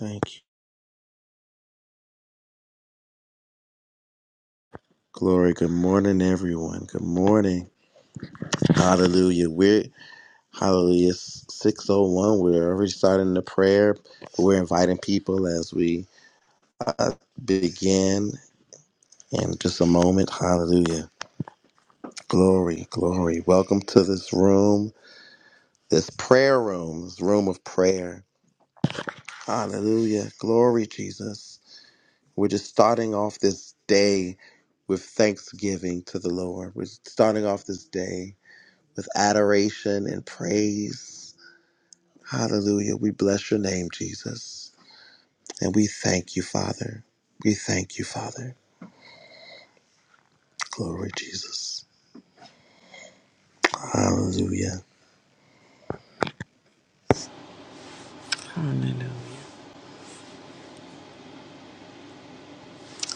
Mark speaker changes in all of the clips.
Speaker 1: Thank you. Glory. Good morning, everyone. Good morning. Hallelujah. We're hallelujah it's 601. We're already starting the prayer. We're inviting people as we uh, begin in just a moment. Hallelujah. Glory, glory. Welcome to this room, this prayer room, this room of prayer. Hallelujah. Glory, Jesus. We're just starting off this day with thanksgiving to the Lord. We're starting off this day with adoration and praise. Hallelujah. We bless your name, Jesus. And we thank you, Father. We thank you, Father. Glory, Jesus. Hallelujah.
Speaker 2: Hallelujah.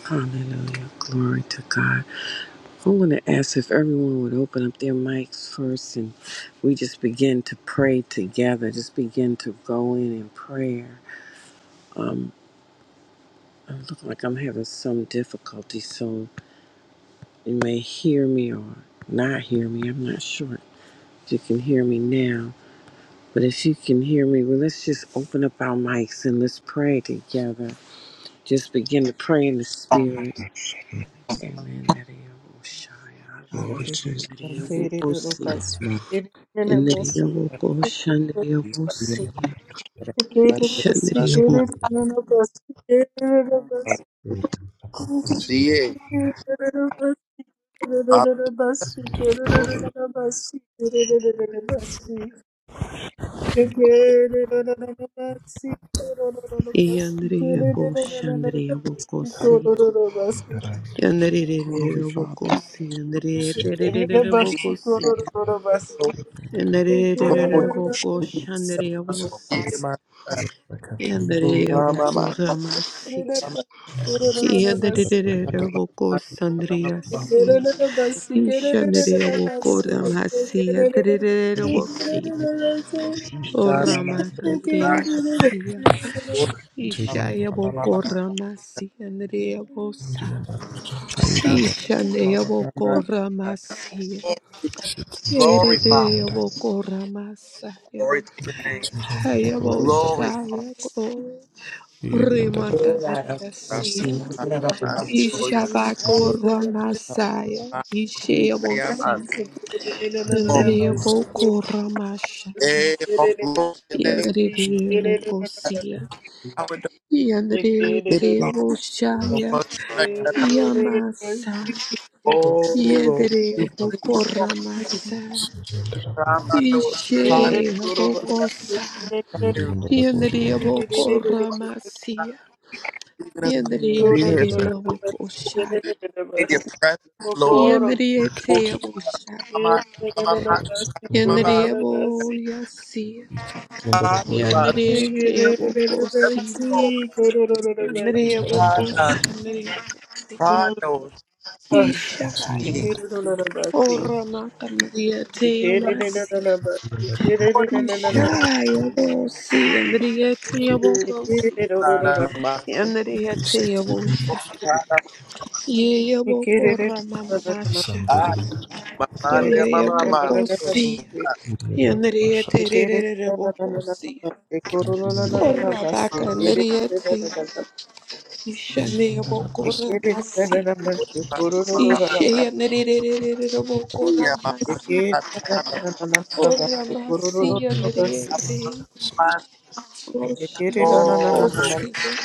Speaker 2: Hallelujah. Glory to God. I want to ask if everyone would open up their mics first and we just begin to pray together. Just begin to go in in prayer. I look like I'm having some difficulty, so you may hear me or not hear me. I'm not sure if you can hear me now. But if you can hear me, well, let's just open up our mics and let's pray together. Just begin to pray in the spirit.
Speaker 1: Glory,
Speaker 3: Hallelujah.
Speaker 1: Jesus.
Speaker 2: Shandria.
Speaker 3: Kiri duro basu,
Speaker 4: Tiriandara
Speaker 3: kiri duro
Speaker 2: Yandere
Speaker 3: basu,
Speaker 2: boko sandria
Speaker 3: kiri duro basu, kiri duro basu, kiri duro basu, kiri duro basu,
Speaker 1: See it.
Speaker 3: kiri duro basu, kiri duro basu, kiri duro basu, kiri duro basu, kiri duro basu, kiri duro basu, kiri duro basu, kiri
Speaker 1: Glory, Father.
Speaker 3: duro basu, kiri
Speaker 5: Hallelujah.
Speaker 3: duro basu. Thank
Speaker 2: si. You shanderia will go ramasia, derere will see. O ramakandrea sia. Ishaya will go ramasia, andrea will sa.
Speaker 1: my,
Speaker 2: Ishanea
Speaker 1: my, my,
Speaker 2: will
Speaker 1: my.
Speaker 2: go
Speaker 1: God.
Speaker 2: ramasia.
Speaker 1: Oh, glory, Father.
Speaker 2: Erere will go ramasaya.
Speaker 1: Glory to your name.
Speaker 2: Haya will
Speaker 1: Glory,
Speaker 2: shaya
Speaker 1: Father.
Speaker 2: glory. Remakandrea sia.
Speaker 1: My, my, oh, yeah.
Speaker 2: Ishabako ramasaya. Ishaya
Speaker 1: I
Speaker 2: will
Speaker 1: am a
Speaker 2: see.
Speaker 1: glory,
Speaker 2: Andrea
Speaker 1: Jesus.
Speaker 2: will go
Speaker 1: Hey, all glory to your name.
Speaker 2: Yandarere wokosia.
Speaker 1: Power to-
Speaker 2: Yandarere
Speaker 1: It
Speaker 2: te
Speaker 1: belongs to
Speaker 2: woshaya.
Speaker 1: us. Thank you.
Speaker 2: Yamasa.
Speaker 1: Oh, Lord.
Speaker 2: Yandere
Speaker 1: Give you the glory.
Speaker 2: wokoramasa.
Speaker 1: God, my Lord. Trying to
Speaker 2: Ishe wokosa.
Speaker 1: even
Speaker 2: Yandere
Speaker 3: you.
Speaker 2: wokoramasia.
Speaker 1: us to
Speaker 2: Yandere
Speaker 1: be
Speaker 3: Koro no
Speaker 1: here.
Speaker 3: no
Speaker 1: So
Speaker 2: terere
Speaker 3: no no no no no
Speaker 2: wokoshaya.
Speaker 3: no
Speaker 1: in
Speaker 3: mas.
Speaker 1: your presence, Lord.
Speaker 3: Mokoro.
Speaker 2: Yandere
Speaker 1: Oh,
Speaker 2: te woshaya.
Speaker 3: Eh,
Speaker 1: my,
Speaker 3: No
Speaker 1: my, my,
Speaker 3: no
Speaker 1: my,
Speaker 3: no no mas.
Speaker 1: my, my,
Speaker 3: Koro no
Speaker 1: my,
Speaker 2: Yandere
Speaker 3: no mas.
Speaker 2: woyasia.
Speaker 1: my, my, my,
Speaker 2: Yandere
Speaker 3: Eh, No no
Speaker 2: te
Speaker 3: no no mas.
Speaker 2: wokosia.
Speaker 1: Lord.
Speaker 3: Koro no no no mas.
Speaker 2: Yandere
Speaker 1: Trying to,
Speaker 2: wokoshandere.
Speaker 3: Oh,
Speaker 1: trying
Speaker 3: ah.
Speaker 2: Isha.
Speaker 1: to.
Speaker 3: Koro no no no mas.
Speaker 2: Ora makandia teo
Speaker 3: Koro no no
Speaker 2: masi.
Speaker 3: no no mas. Koro
Speaker 1: We
Speaker 3: no no no no mas.
Speaker 2: Ishaya bo si andria teo bo go si.
Speaker 3: Koro no no no no mas. Koro no no no no mas.
Speaker 2: Andria teo bo shaya. Yea bo
Speaker 3: Koro
Speaker 2: kora mama
Speaker 3: no
Speaker 2: masha.
Speaker 3: no
Speaker 2: Yea bo go
Speaker 3: no no
Speaker 2: si.
Speaker 3: mas.
Speaker 2: Andria
Speaker 3: Ekere
Speaker 2: tererere bo go si. Ora bakandria te. Ishanea bo kora masi. Ishaya nererere bo kora masi. Ora masi andria Oshaya wokosia,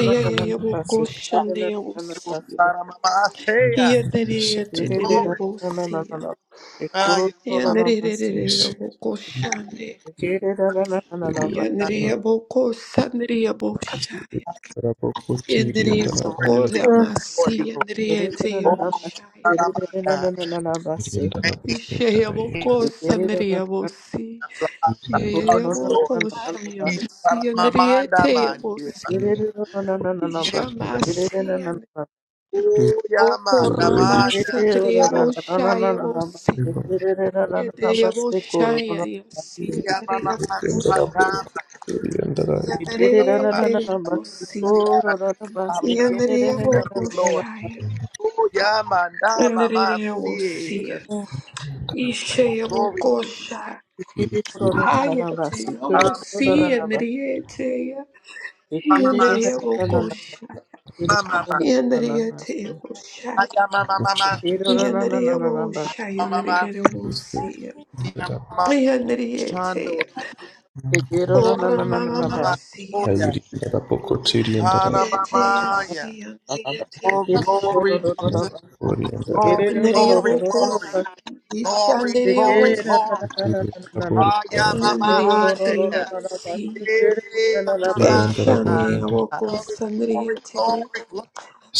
Speaker 2: eya ya ya wokoshane ya wosia, iya dere ya dere dere wosia, iya dere dere wokoshane, iya dere ya wokosa dere ya woshaya, iya dere ya
Speaker 1: surrender to you,
Speaker 2: wokora
Speaker 1: Lord.
Speaker 2: masia dere ya te ya
Speaker 1: Oh,
Speaker 2: woshaya,
Speaker 1: Saramanda.
Speaker 4: Iriandara
Speaker 1: Please,
Speaker 2: ishaya
Speaker 4: Bushandara Iriandara
Speaker 2: wokosa dere ya wosia, iya
Speaker 3: Te
Speaker 2: ya
Speaker 4: Iriandara
Speaker 3: quiero,
Speaker 2: ya
Speaker 3: na na na
Speaker 1: hearts, Lord.
Speaker 2: wokoshane ya
Speaker 1: He's out of
Speaker 2: wosia
Speaker 1: my
Speaker 2: dere ya
Speaker 1: mind, I'm
Speaker 2: te ya
Speaker 1: on you.
Speaker 2: wosia.
Speaker 3: na na na te
Speaker 4: Iriandara Iriandara
Speaker 1: Oh,
Speaker 4: You're
Speaker 1: yeah,
Speaker 4: worthy, Jesus.
Speaker 1: man,
Speaker 4: You
Speaker 2: Okoramasatiriaboshayavosia.
Speaker 4: are Jesus.
Speaker 2: Yadiriaboshayayosia.
Speaker 1: Yeah, my, my, my,
Speaker 4: Iriandara
Speaker 1: Satan,
Speaker 4: Iriandara
Speaker 1: my,
Speaker 2: Nariabokoshaya.
Speaker 4: Iriandara
Speaker 1: my, yeah,
Speaker 2: Yadiriabosia.
Speaker 1: mama, my, Thank you, Lord.
Speaker 2: Yadiriabokoshaya.
Speaker 1: Oh, yeah, mama, mama, my, my, see,
Speaker 2: Nariabosia.
Speaker 1: yes,
Speaker 4: Iriandara Iriandara
Speaker 1: glory.
Speaker 2: Ishayabokoshaya.
Speaker 1: mama,
Speaker 2: Hayatiabosia. Nariatia.
Speaker 1: mama, mama,
Speaker 2: Yadiriabokoshaya.
Speaker 1: my,
Speaker 4: Iriandara
Speaker 1: mama,
Speaker 2: Yadiriatiaboshaya.
Speaker 1: mama, mama,
Speaker 4: Jesus.
Speaker 1: mama,
Speaker 2: Yadiriaboshaya.
Speaker 1: yeah, mama, my, my, my, my, my, my,
Speaker 4: Iriandara
Speaker 2: Nariabosia.
Speaker 1: see, my, my, Chando,
Speaker 2: Yandere-yete.
Speaker 3: quiero, na na na na
Speaker 1: mama, my, my,
Speaker 3: na
Speaker 1: oh,
Speaker 2: Oramamamasiya.
Speaker 1: yeah,
Speaker 4: Iriandara Boko Iriandara
Speaker 1: Chana, mama, my,
Speaker 3: you.
Speaker 1: yeah.
Speaker 2: Yete-yasiya.
Speaker 3: Thank you.
Speaker 1: Oh, glory,
Speaker 2: Yete-yabushaya.
Speaker 1: Jesus,
Speaker 4: Iriandara Iriandara
Speaker 1: glory, glory,
Speaker 2: Yandere-yabokos.
Speaker 1: glory, glory, glory,
Speaker 2: Ishandere-yabosa.
Speaker 1: glory. Ah, yeah, mama, my, hand, yeah.
Speaker 2: Yandere-yete-yabosi.
Speaker 1: Hey,
Speaker 4: Iriandara Iriandara Iriandara
Speaker 1: Glory,
Speaker 2: Eshane-yabokos.
Speaker 1: glory,
Speaker 2: Yandere-yete.
Speaker 1: glory,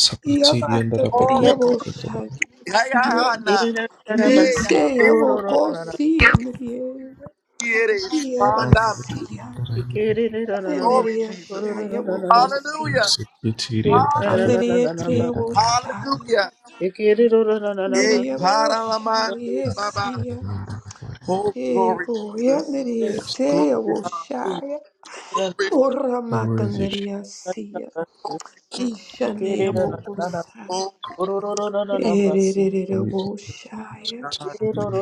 Speaker 4: Sapati Iriandara Boko
Speaker 1: glory, glory. glory.
Speaker 2: Yabakandere-yaboshaya.
Speaker 1: Hey, Ahana. Hey, Mama.
Speaker 2: Ishe-yabokos.
Speaker 1: Here is
Speaker 4: Where
Speaker 1: Shanda.
Speaker 2: Yandere-yabasiya.
Speaker 1: Glory, Jesus.
Speaker 2: Yandere-yashaya-bokos.
Speaker 1: Hallelujah. Hallelujah.
Speaker 2: Andriete Boshaya.
Speaker 1: Hallelujah. Hey,
Speaker 2: Andriya
Speaker 1: Paralamande,
Speaker 2: Boshaya
Speaker 1: Baba.
Speaker 2: Sia.
Speaker 1: Oh, glory,
Speaker 2: Ego
Speaker 1: Jesus. Glory,
Speaker 2: Andriete
Speaker 1: Father.
Speaker 2: Boshaya.
Speaker 1: glory,
Speaker 2: Ora
Speaker 4: is it?
Speaker 2: Macandria Sia. Ishanea
Speaker 4: Really,
Speaker 2: Bokusa.
Speaker 1: glory,
Speaker 2: Erere
Speaker 4: really,
Speaker 2: Boshaya.
Speaker 4: such a
Speaker 1: God.
Speaker 4: really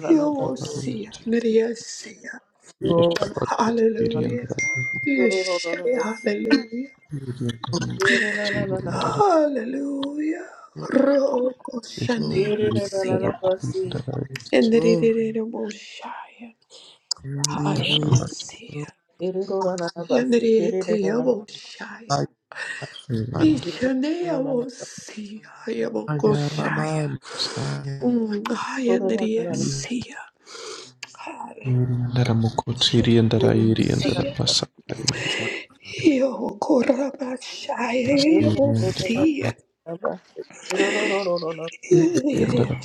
Speaker 2: Yo Sia. Andria Sia.
Speaker 3: It,
Speaker 1: Glory,
Speaker 4: that
Speaker 2: Hallelujah. Yeshua, hallelujah.
Speaker 4: Really, i
Speaker 2: Hallelujah. Roko
Speaker 1: glory,
Speaker 2: Shanea Bosia.
Speaker 1: glory.
Speaker 2: Endererereboshaya.
Speaker 1: glory.
Speaker 2: Hayamasiya. Enderereteyeboshaya.
Speaker 1: Mm,
Speaker 2: Ishaneyabosiya.
Speaker 1: Aja
Speaker 2: Hayabokoshaya.
Speaker 1: Mama, Aja,
Speaker 2: Mm, hayandereyesiya. Hayabokoshayabokosiya. Yokorabashayabosiya.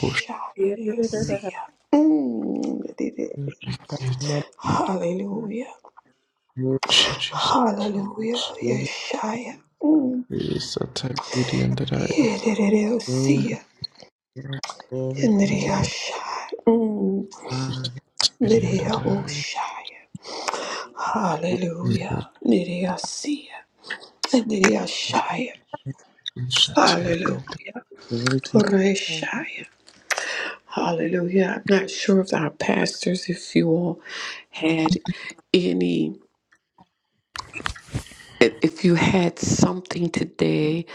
Speaker 4: push.
Speaker 2: Mm, enderere- Hallelujah.
Speaker 4: Shiji
Speaker 2: Hallelujah. Yeshaya.
Speaker 4: is a Taidian that I
Speaker 2: Hallelujah.
Speaker 1: glory,
Speaker 2: Hallelujah.
Speaker 1: glory, Ah,
Speaker 4: Taidian that I
Speaker 2: Horeshaya. Hallelujah.
Speaker 4: Shatidian.
Speaker 1: glory to you.
Speaker 2: I'm not sure if our pastors, if you all had any, if if you had something today,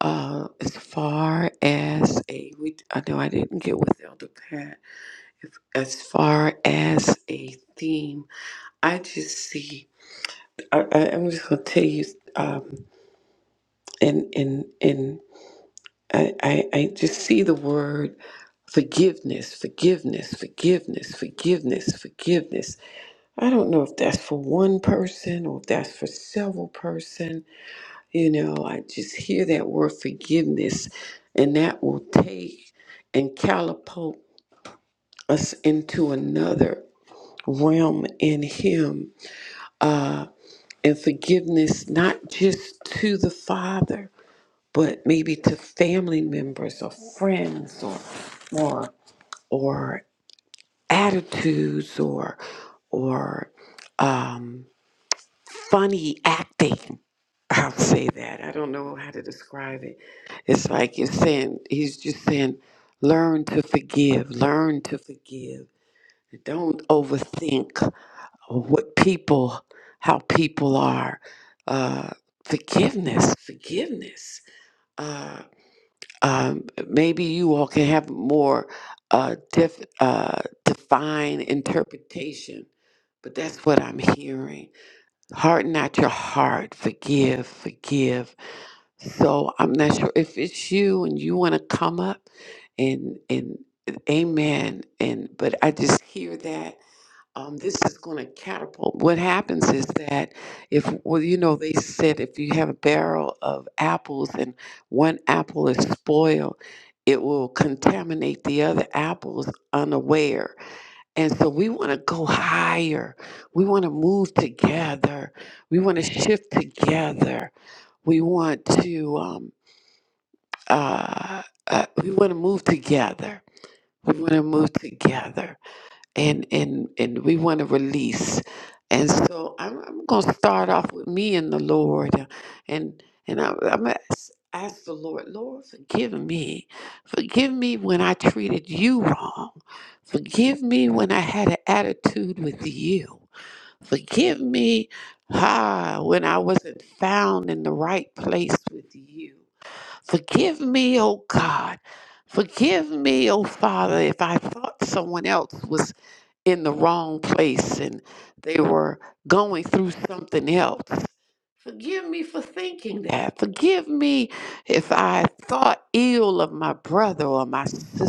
Speaker 2: uh, as far as a, we, I know I didn't get with Elder Pat, if, as far as a theme I just see. I, I, I'm just gonna tell you, um, and and and I, I I just see the word forgiveness, forgiveness, forgiveness, forgiveness, forgiveness. I don't know if that's for one person or if that's for several person. You know, I just hear that word forgiveness, and that will take and catapult us into another realm in Him. Uh, and forgiveness not just to the father but maybe to family members or friends or or or attitudes or or um, funny acting i'll say that i don't know how to describe it it's like you're saying he's just saying learn to forgive learn to forgive don't overthink what people, how people are. Uh, forgiveness, forgiveness. Uh, um, maybe you all can have more uh, def, uh, defined interpretation, but that's what I'm hearing. Harden not your heart. Forgive, forgive. So I'm not sure if it's you and you want to come up and and amen and but I just hear that um, this is going to catapult. What happens is that if, well, you know, they said if you have a barrel of apples and one apple is spoiled, it will contaminate the other apples unaware. And so we want to go higher. We want to move together. We want to shift together. We want to, um, uh, uh, we want to move together. We want to move together and and and we want to release and so i'm, I'm going to start off with me and the lord and and I, i'm going to ask ask the lord lord forgive me forgive me when i treated you wrong forgive me when i had an attitude with you forgive me ah, when i wasn't found in the right place with you forgive me oh god Forgive me, oh Father, if I thought someone else was in the wrong place and they were going through something else. Forgive me for thinking that. Forgive me if I thought ill of my brother or my sister.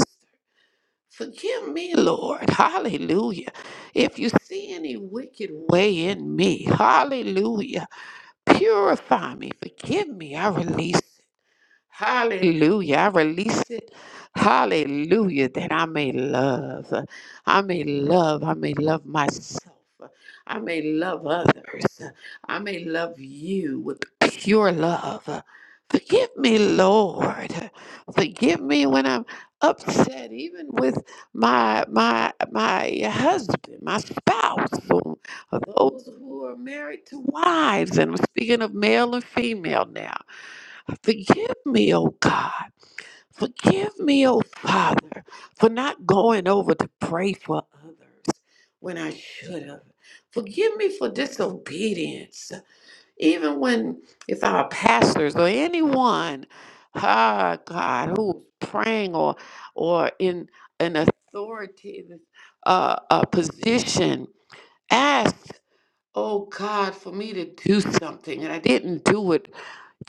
Speaker 2: Forgive me, Lord. Hallelujah. If you see any wicked way in me, hallelujah. Purify me. Forgive me. I release. Hallelujah. I release it. Hallelujah. That I may love. I may love. I may love myself. I may love others. I may love you with pure love. Forgive me, Lord. Forgive me when I'm upset, even with my my my husband, my spouse, or or those who are married to wives. And I'm speaking of male and female now. Forgive me, oh God. Forgive me, oh Father, for not going over to pray for others when I should have. Forgive me for disobedience, even when if our pastors or anyone, ah God, who's praying or or in an authority uh, uh, position, asked, oh God, for me to do something and I didn't do it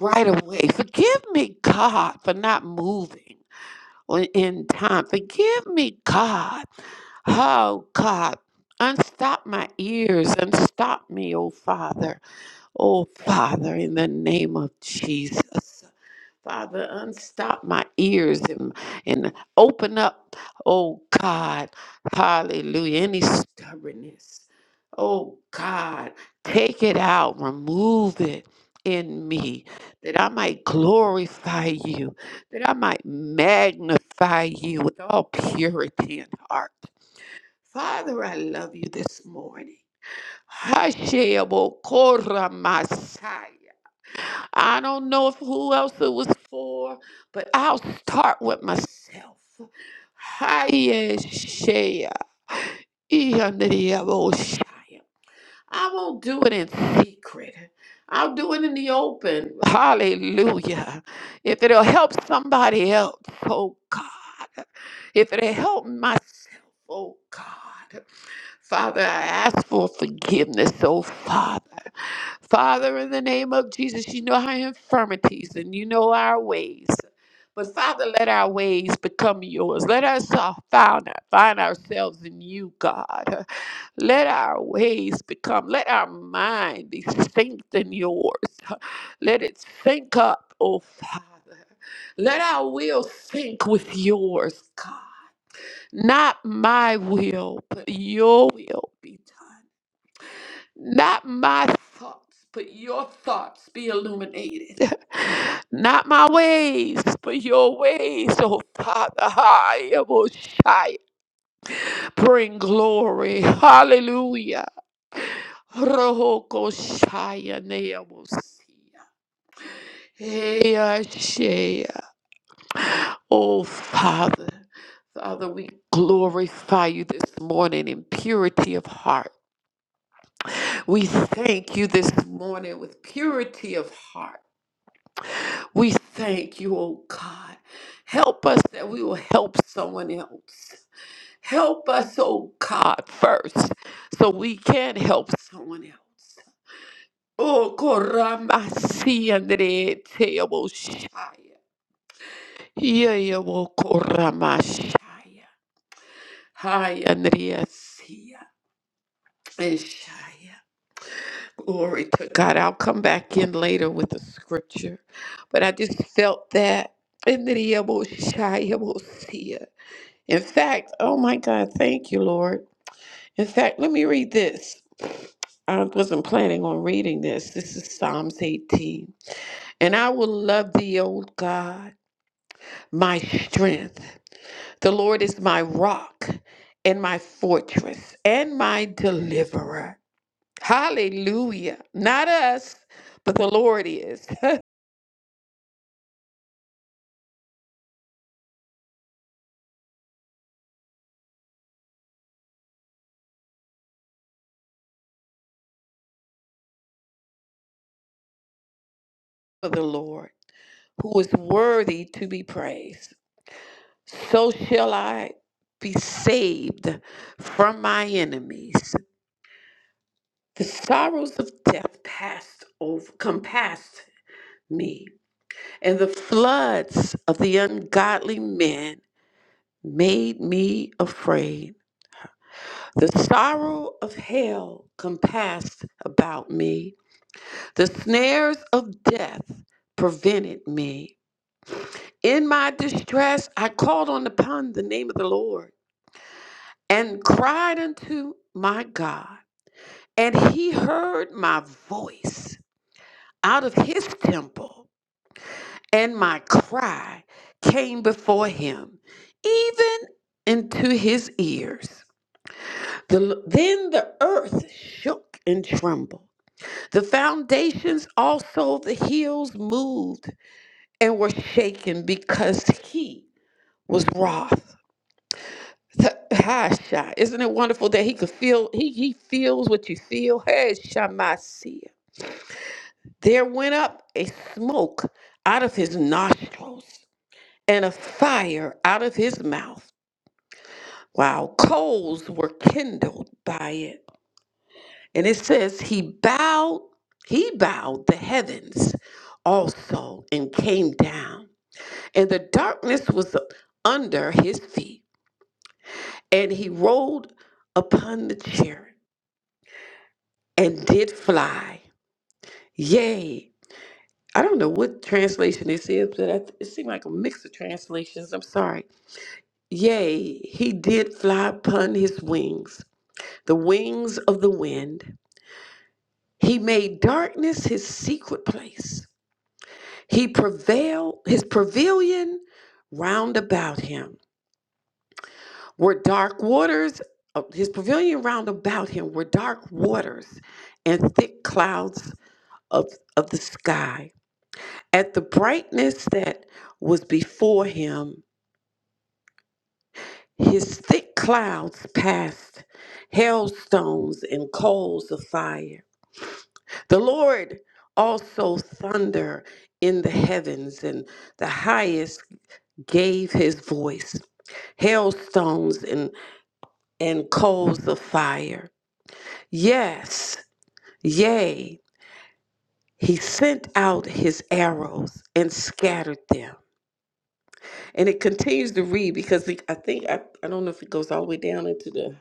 Speaker 2: right away. Forgive me, God, for not moving on- in time. Forgive me, God. Oh, God. Unstop my ears, unstop me, oh Father, oh Father, in the name of Jesus. Father, unstop my ears and, and open up, oh God, hallelujah, any stubbornness. Oh God, take it out, remove it in me, that I might glorify you, that I might magnify you with all purity and heart. Father, I love you this morning. Hashem, I don't know if who else it was for, but I'll start with myself. Hiya, Shea. Iyanidiyabosha. I won't do it in secret. I'll do it in the open. Hallelujah. If it'll help somebody else, oh God. If it'll help myself, oh God. Father, I ask for forgiveness, oh Father. Father, in the name of Jesus, you know our infirmities and you know our ways. But Father, let our ways become yours. Let us uh, find, find ourselves in you, God. Let our ways become, let our mind be synced in yours. Let it sync up, oh Father. Let our will sync with yours, God. Not my will, but your will be done. Not my thoughts, but your thoughts be illuminated. Not my ways, but your ways, oh Father. I am Oshai. Bring glory. Hallelujah. Rohokoshaya Neamosia. Eashea. Oh Father. Father, we glorify you this morning in purity of heart. We thank you this morning with purity of heart. We thank you, oh God. Help us that we will help someone else. Help us, oh God, first, so we can help someone else. Oh, koramasi andere teoboshaya. Yeyabo koramashaya. Hi, Andrea Sia. Eshaya. Glory to God. I'll come back in later with a scripture. But I just felt that. And then he will shy, he will see it. In fact, oh my God, thank you, Lord. In fact, let me read this. I wasn't planning on reading this. This is Psalms 18. And I will love thee, O God, my strength. The Lord is my rock and my fortress and my deliverer. Hallelujah. Not us, but the Lord is. for the Lord, who is worthy to be praised. So shall I be saved from my enemies. The sorrows of death passed over, come past me, and the floods of the ungodly men made me afraid. The sorrow of hell compassed about me. The snares of death prevented me. In my distress, I called on upon the name of the Lord and cried unto my God. And he heard my voice out of his temple, and my cry came before him, even into his ears. The- then the earth shook and trembled. The foundations also of the hills moved and were shaken because he was wroth Th- Hi, Sha. Isn't it wonderful that he could feel, he, he feels what you feel? Hey, Shamasia. There went up a smoke out of his nostrils and a fire out of his mouth, while coals were kindled by it. And it says, he bowed, he bowed the heavens also and came down. And the darkness was under his feet, and he rolled upon the cherub and did fly. Yay. I don't know what translation this is, but I- it seemed like a mix of translations. I'm sorry. Yea, he did fly upon his wings, the wings of the wind. He made darkness his secret place. He prevailed, his pavilion round about him were dark waters. uh, His pavilion round about him were dark waters and thick clouds of, of the sky. At the brightness that was before him, his thick clouds passed, hailstones and coals of fire. The Lord also thunder in the heavens, and the highest gave his voice, hailstones and, and coals of fire. Yes, yea, he sent out his arrows and scattered them And it continues to read because it, I think, I, I don't know if it goes all the way down into the,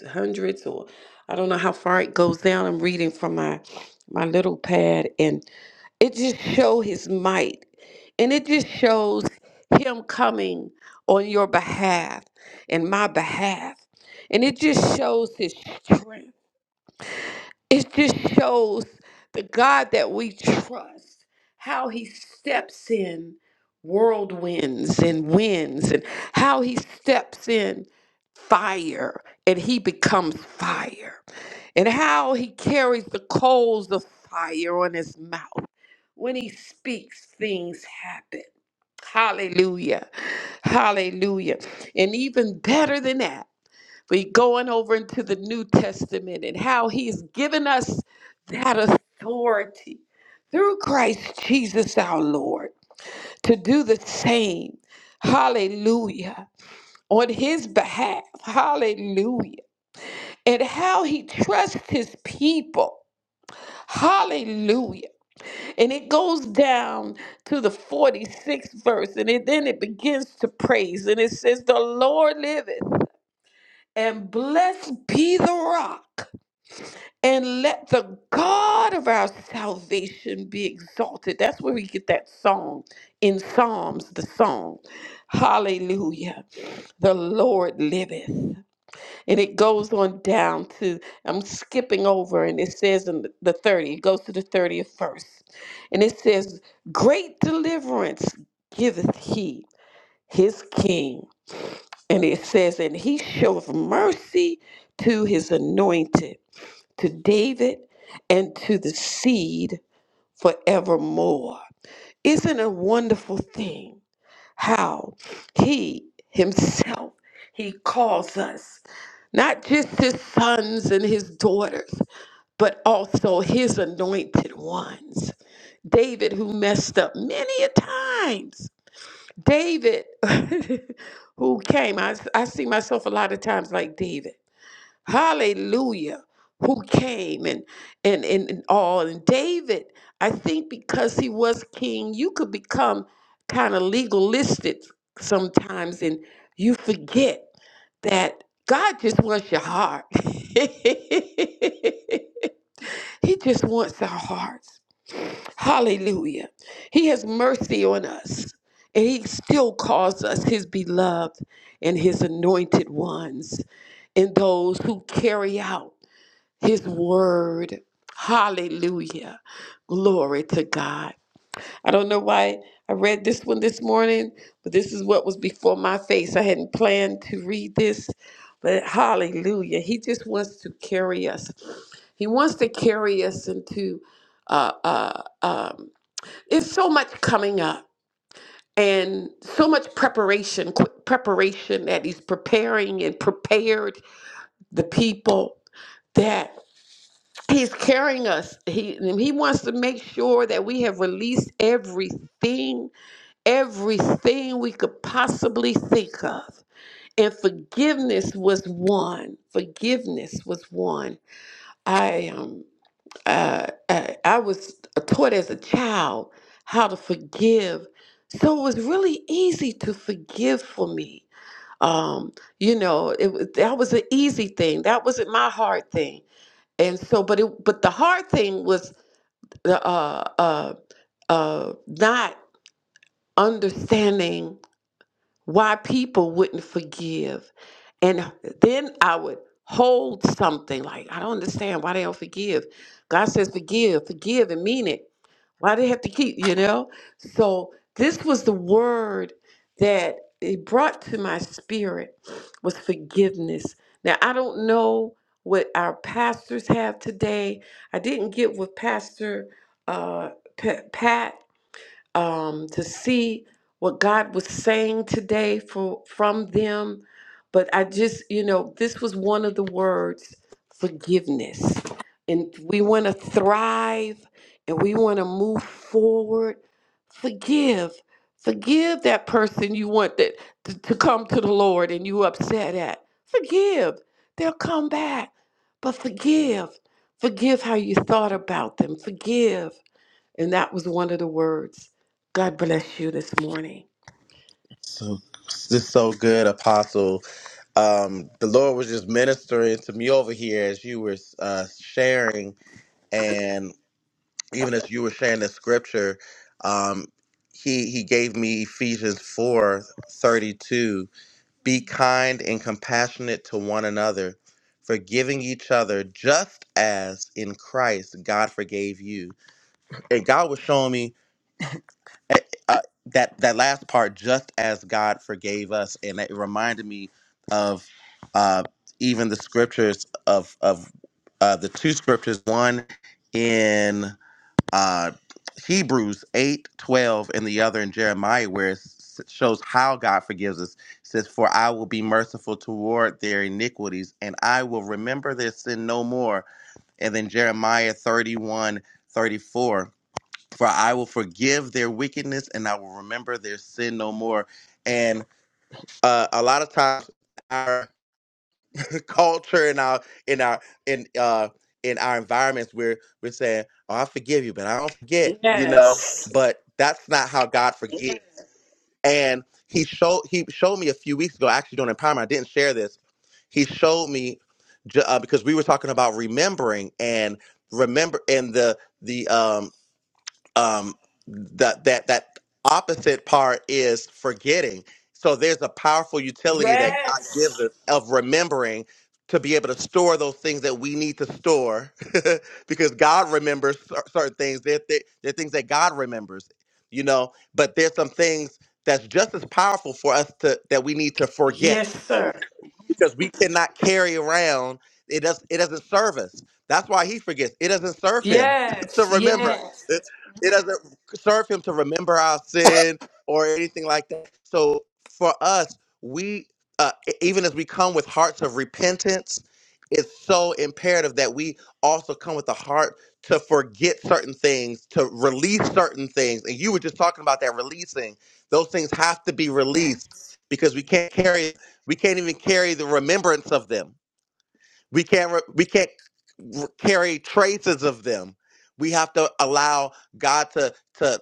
Speaker 2: the hundreds or I don't know how far it goes down. I'm reading from my, my little pad and it just show his might. And it just shows him coming on your behalf and my behalf. And it just shows his strength it just shows the God that we trust, how he steps in whirlwinds and winds, and how he steps in fire and he becomes fire, and how he carries the coals of fire on his mouth. When he speaks, things happen. Hallelujah. Hallelujah. And even better than that. We're going over into the New Testament and how He's given us that authority through Christ Jesus our Lord to do the same. Hallelujah. On His behalf. Hallelujah. And how He trusts His people. Hallelujah. And it goes down to the 46th verse, and it, then it begins to praise. And it says, The Lord liveth, and blessed be the rock. and let the God of our salvation be exalted. That's where we get that song in Psalms, the song. Hallelujah. The Lord liveth. And it goes on down to, I'm skipping over, and it says in the 30, it goes to the 30th verse. And it says, Great deliverance giveth he his king. And it says, And he showeth mercy to his anointed to David and to the seed forevermore. Isn't it a wonderful thing how he himself he calls us not just his sons and his daughters, but also his anointed ones. David who messed up many a times. David who came I, I see myself a lot of times like David hallelujah who came and and and, and all and david i think because he was king you could become kind of legalistic sometimes and you forget that god just wants your heart he just wants our hearts hallelujah he has mercy on us and he still calls us his beloved and his anointed ones and those who carry out his word. Hallelujah. Glory to God. I don't know why I read this one this morning, but this is what was before my face. I hadn't planned to read this, but hallelujah. He just wants to carry us. He wants to carry us into uh uh um it's so much coming up and so much preparation, quick preparation that he's preparing and prepared the people that He's carrying us. He he wants to make sure that we have released everything, everything we could possibly think of. And forgiveness was one. Forgiveness was one. I um uh, I, I was taught as a child how to forgive, so it was really easy to forgive for me. Um, you know, it was that was an easy thing. That wasn't my hard thing. And so, but it, but the hard thing was the uh, uh, uh, not understanding why people wouldn't forgive. And then I would hold something like, I don't understand why they don't forgive. God says, forgive, forgive, and mean it. Why they have to keep, you know? So this was the word that it brought to my spirit was forgiveness. Now I don't know what our pastors have today. I didn't get with Pastor uh, P- Pat um, to see what God was saying today for, from them. But I just, you know, this was one of the words forgiveness. And we want to thrive and we want to move forward. Forgive. Forgive that person you want that to, to come to the Lord and you upset at. Forgive. They'll come back. But forgive. Forgive how you thought about them. Forgive and that was one of the words. God bless you this morning.
Speaker 1: So, this is so good, Apostle. Um, the Lord was just ministering to me over here as you were uh, sharing, and even as you were sharing the scripture, um, he he gave me Ephesians four thirty two. Be kind and compassionate to one another, forgiving each other, just as in Christ God forgave you. And God was showing me eh, eh, uh, that that last part, just as God forgave us, and it reminded me of uh, even the scriptures of of uh, the two scriptures, one in uh, Hebrews 8 12 and the other in Jeremiah, where it s- shows how God forgives us. It says, For I will be merciful toward their iniquities, and I will remember their sin no more. And then Jeremiah 31 34 For I will forgive their wickedness, and I will remember their sin no more. And uh, a lot of times, our culture and our in our in uh in our environments where we're saying, "Oh, I forgive you, but I don't forget," you know.
Speaker 2: Yes.
Speaker 1: But that's not how God forgives. And he showed he showed me a few weeks ago. Actually, during empowerment, I didn't share this. He showed me ju- uh, because we were talking about remembering and remember and the the um um, that that that opposite part is forgetting. So there's a powerful utility that God
Speaker 2: Yes.
Speaker 1: gives us of remembering to be able to store those things that we need to store, because God remembers cer- certain things. They're, th- they're things that God remembers, you know. But there's some things that's just as powerful for us to that we need to forget
Speaker 2: Yes, sir.
Speaker 1: because we cannot carry around it does it doesn't serve us that's why he forgets it doesn't serve him to
Speaker 2: Yes.
Speaker 1: remember
Speaker 2: Yes.
Speaker 1: it, it doesn't serve him to remember our sin or anything like that so for us we uh, e- even as we come with hearts of repentance it's so imperative that we also come with a heart to forget certain things to release certain things and you were just talking about that releasing those things have to be released
Speaker 2: Yes.
Speaker 1: because we can't carry we can't even carry the remembrance of them. We can't re- we can't r- carry traces of them. We have to allow God to to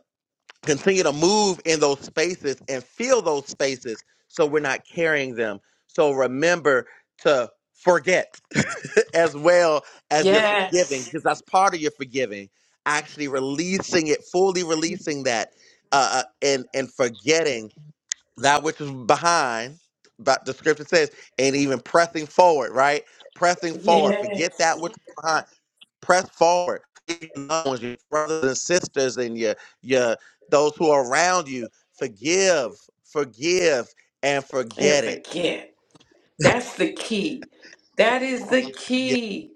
Speaker 1: continue to move in those spaces and fill those spaces so we're not carrying them. So remember to forget as well as you're Yes. forgiving
Speaker 2: Yes.
Speaker 1: because that's part of your forgiving. Actually releasing it, fully releasing that uh, uh, and and forgetting that which is behind, but the scripture says, and even pressing forward, right? Pressing forward. Forget that
Speaker 2: Yes.
Speaker 1: which is behind. Press forward. Your loved ones, your brothers and sisters, and your your those who are around you. Forgive, forgive, and
Speaker 2: And
Speaker 1: forget it.
Speaker 2: forget. That's the key. That is the
Speaker 1: Yeah,
Speaker 2: key.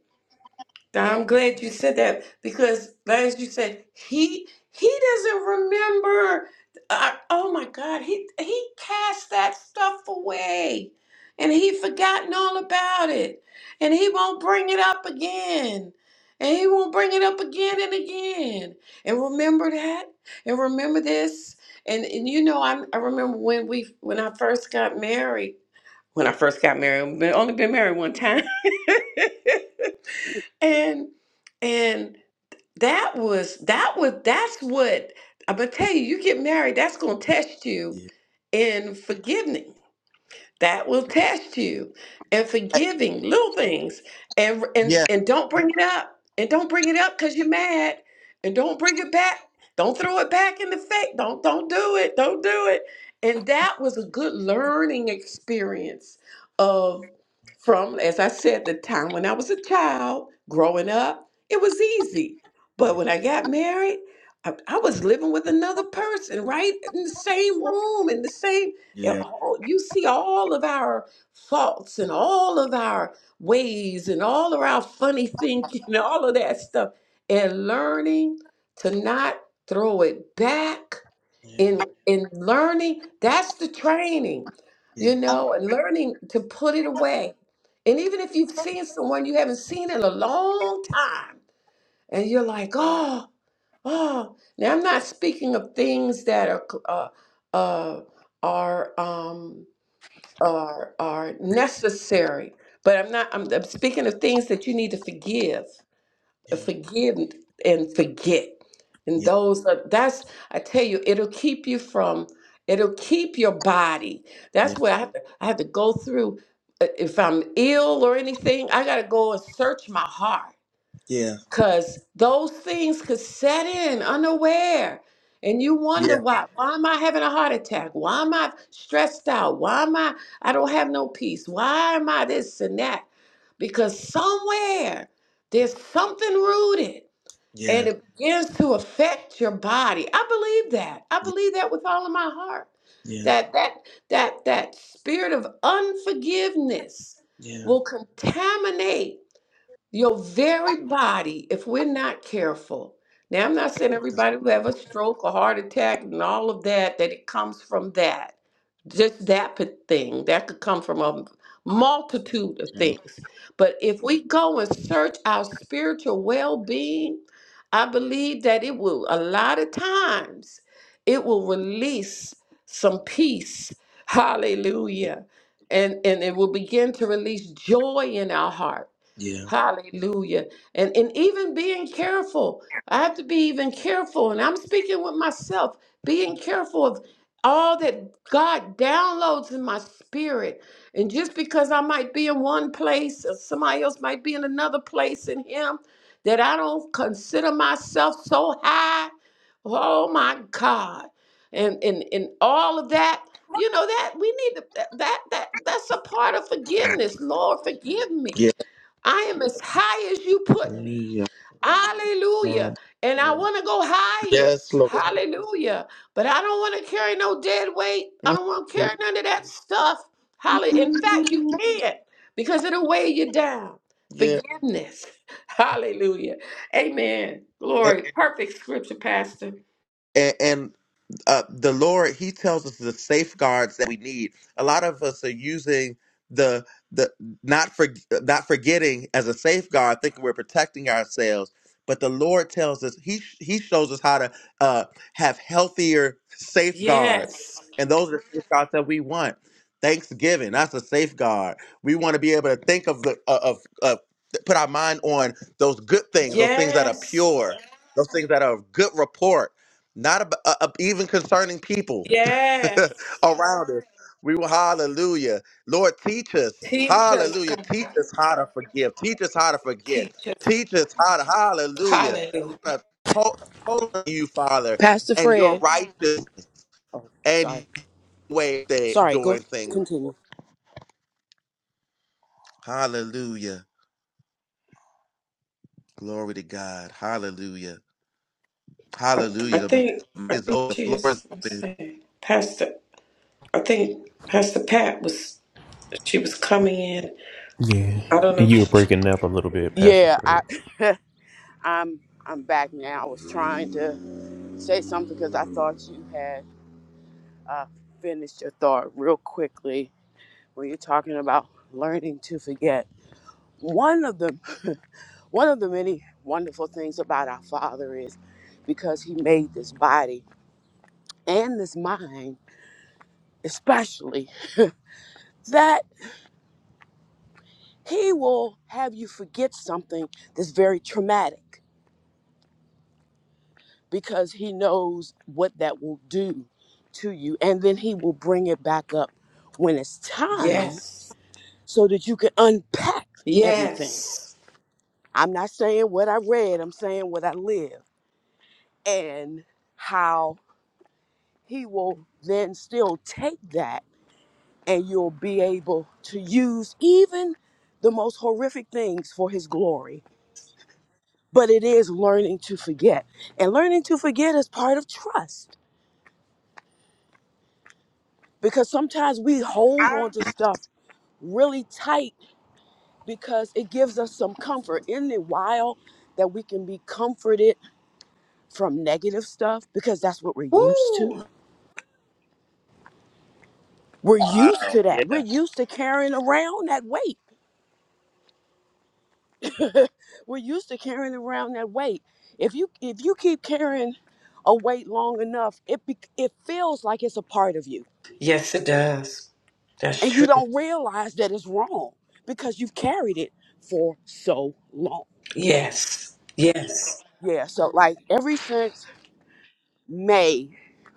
Speaker 2: I'm glad you said that because, as you said, he he doesn't remember. Uh, oh my God, he he cast that stuff away, and he forgotten all about it, and he won't bring it up again, and he won't bring it up again and again. And remember that, and remember this, and and you know I I remember when we when I first got married. When I first got married, I've only been married one time. and and that was that was that's what I'm gonna tell you. You get married, that's gonna test you
Speaker 1: Yeah,
Speaker 2: in forgiving that will test you and
Speaker 1: Uh,
Speaker 2: forgiving little things and and
Speaker 1: yeah,
Speaker 2: and don't bring it up and don't bring it up because you're mad and don't bring it back don't throw it back in the face don't don't do it don't do it and that was a good learning experience of from as i said the time when i was a child growing up it was easy but when i got married I, I was living with another person right in the same room in the same and
Speaker 1: yeah, yeah,
Speaker 2: all, you see all of our faults and all of our ways and all of our funny thinking and all of that stuff. And learning to not throw it back in in learning, that's the training,
Speaker 1: yeah,
Speaker 2: you
Speaker 1: yeah, yeah,
Speaker 2: know, and learning to put it away. And even if you've seen someone you haven't seen in a long time, and you're like, oh, oh. Now I'm not speaking of things that are uh, uh, are um, are are necessary. But I'm not. I'm, I'm speaking of things that you need to forgive, uh, forgive and forget. And
Speaker 1: yeah, yeah,
Speaker 2: those are, that's I tell you, it'll keep you from. It'll keep your body. That's
Speaker 1: yeah,
Speaker 2: what I have to. I have to go through. uh, If I'm ill or anything, I gotta go and search my heart
Speaker 1: yeah, yeah, yeah,
Speaker 2: because those things could set in unaware. And you wonder why. Why am I having a heart attack? Why am I stressed out? Why am I, I don't have no peace? Why am I this and that? Because somewhere there's something rooted and it begins to affect your body. I believe that. I believe that with all of my heart. That that that that spirit of unforgiveness will contaminate your very body, if we're not careful, now I'm not saying everybody who have a stroke or heart attack and all of that, that it comes from that. Just that pa- thing. That could come from a multitude of things. But if we go and search our spiritual well being, I believe that it will, a lot of times, it will release some peace. Hallelujah. And, and it will begin to release joy in our heart
Speaker 1: yeah, yeah.
Speaker 2: Hallelujah. And and even being careful. I have to be even careful. And I'm speaking with myself, being careful of all that God downloads in my spirit. And just because I might be in one place or somebody else might be in another place in him, that I don't consider myself so high. Oh my God. And and, and all of that, you know, that we need to, that that that- that's a part of forgiveness. Lord, forgive me. I am as high as you put me.
Speaker 1: yeah.
Speaker 2: Hallelujah. And I want to go higher.
Speaker 1: Yes, Lord.
Speaker 2: Hallelujah. But I don't want to carry no dead weight. I don't want to carry none of that stuff. Hallelujah. In fact, you can't because it'll weigh you down.
Speaker 1: Yeah,
Speaker 2: Forgiveness. Hallelujah. Amen. Glory. Perfect scripture, Pastor.
Speaker 1: and, and uh, the Lord He tells us the safeguards that we need. A lot of us are using the the not for not forgetting as a safeguard, thinking we're protecting ourselves. But the Lord tells us He He shows us how to uh, have healthier safeguards,
Speaker 2: Yes.
Speaker 1: and those are the safeguards that we want. Thanksgiving, that's a safeguard. We want to be able to think of the of, of uh, put our mind on those good things, those things that are
Speaker 2: Yes.
Speaker 1: pure, those things that are of good report not ab- uh, uh, even concerning people
Speaker 2: Yes.
Speaker 1: around us. We will hallelujah. Lord, teach us,
Speaker 2: Teach us,
Speaker 1: hallelujah.
Speaker 2: God.
Speaker 1: Teach us how to forgive. Teach us how to forget.
Speaker 2: Teach us.
Speaker 1: Teach us how to hallelujah.
Speaker 2: Hallelujah.
Speaker 1: How to to- total you, Father,
Speaker 6: Pastor
Speaker 1: and your
Speaker 6: Fred.
Speaker 1: righteous and
Speaker 6: Sorry.
Speaker 1: your way of
Speaker 6: Sorry, go
Speaker 1: doing things.
Speaker 6: continue.
Speaker 1: Hallelujah. Glory to God. Hallelujah.
Speaker 2: I, I
Speaker 1: Hallelujah. The,
Speaker 2: think I think
Speaker 1: the
Speaker 2: she
Speaker 1: floor is
Speaker 2: is. Let's
Speaker 1: open.
Speaker 2: see, Pastor. I think Pastor Pat was. She was coming in.
Speaker 4: Yeah,
Speaker 2: I don't know
Speaker 4: and
Speaker 2: if
Speaker 4: you were
Speaker 2: she.
Speaker 4: breaking up a little bit, Pastor
Speaker 6: Yeah,
Speaker 4: Fred.
Speaker 6: I I'm I'm back now. I was trying to say something because I thought you had uh, finished your thought real quickly when you're talking about learning to forget. One of the one of the many wonderful things about our Father is because He made this body and this mind, especially that He will have you forget something that's very traumatic. because he knows what that will do to you. And then he will bring it back up when it's time
Speaker 2: Yes.
Speaker 6: so that you can unpack everything.
Speaker 2: Yes.
Speaker 6: I'm not saying what I read, I'm saying what I live and how he will then still take that and you'll be able to use even the most horrific things for his glory. But it is learning to forget. And learning to forget is part of trust because sometimes we hold on to stuff really tight because it gives us some comfort. Isn't it wild that we can be comforted from negative stuff because that's what we're used to?
Speaker 2: Woo.
Speaker 6: We're used
Speaker 1: Wow.
Speaker 6: to that. We're
Speaker 1: Yeah.
Speaker 6: used to carrying around that weight. We're used to carrying around that weight. If you if you keep carrying a weight long enough, it be, it feels like it's a part of you,
Speaker 2: Yes, it does. That's
Speaker 6: and you
Speaker 2: true.
Speaker 6: don't realize that it's wrong because you've carried it for so long.
Speaker 2: Yes. Yes.
Speaker 6: Yeah. So like every since May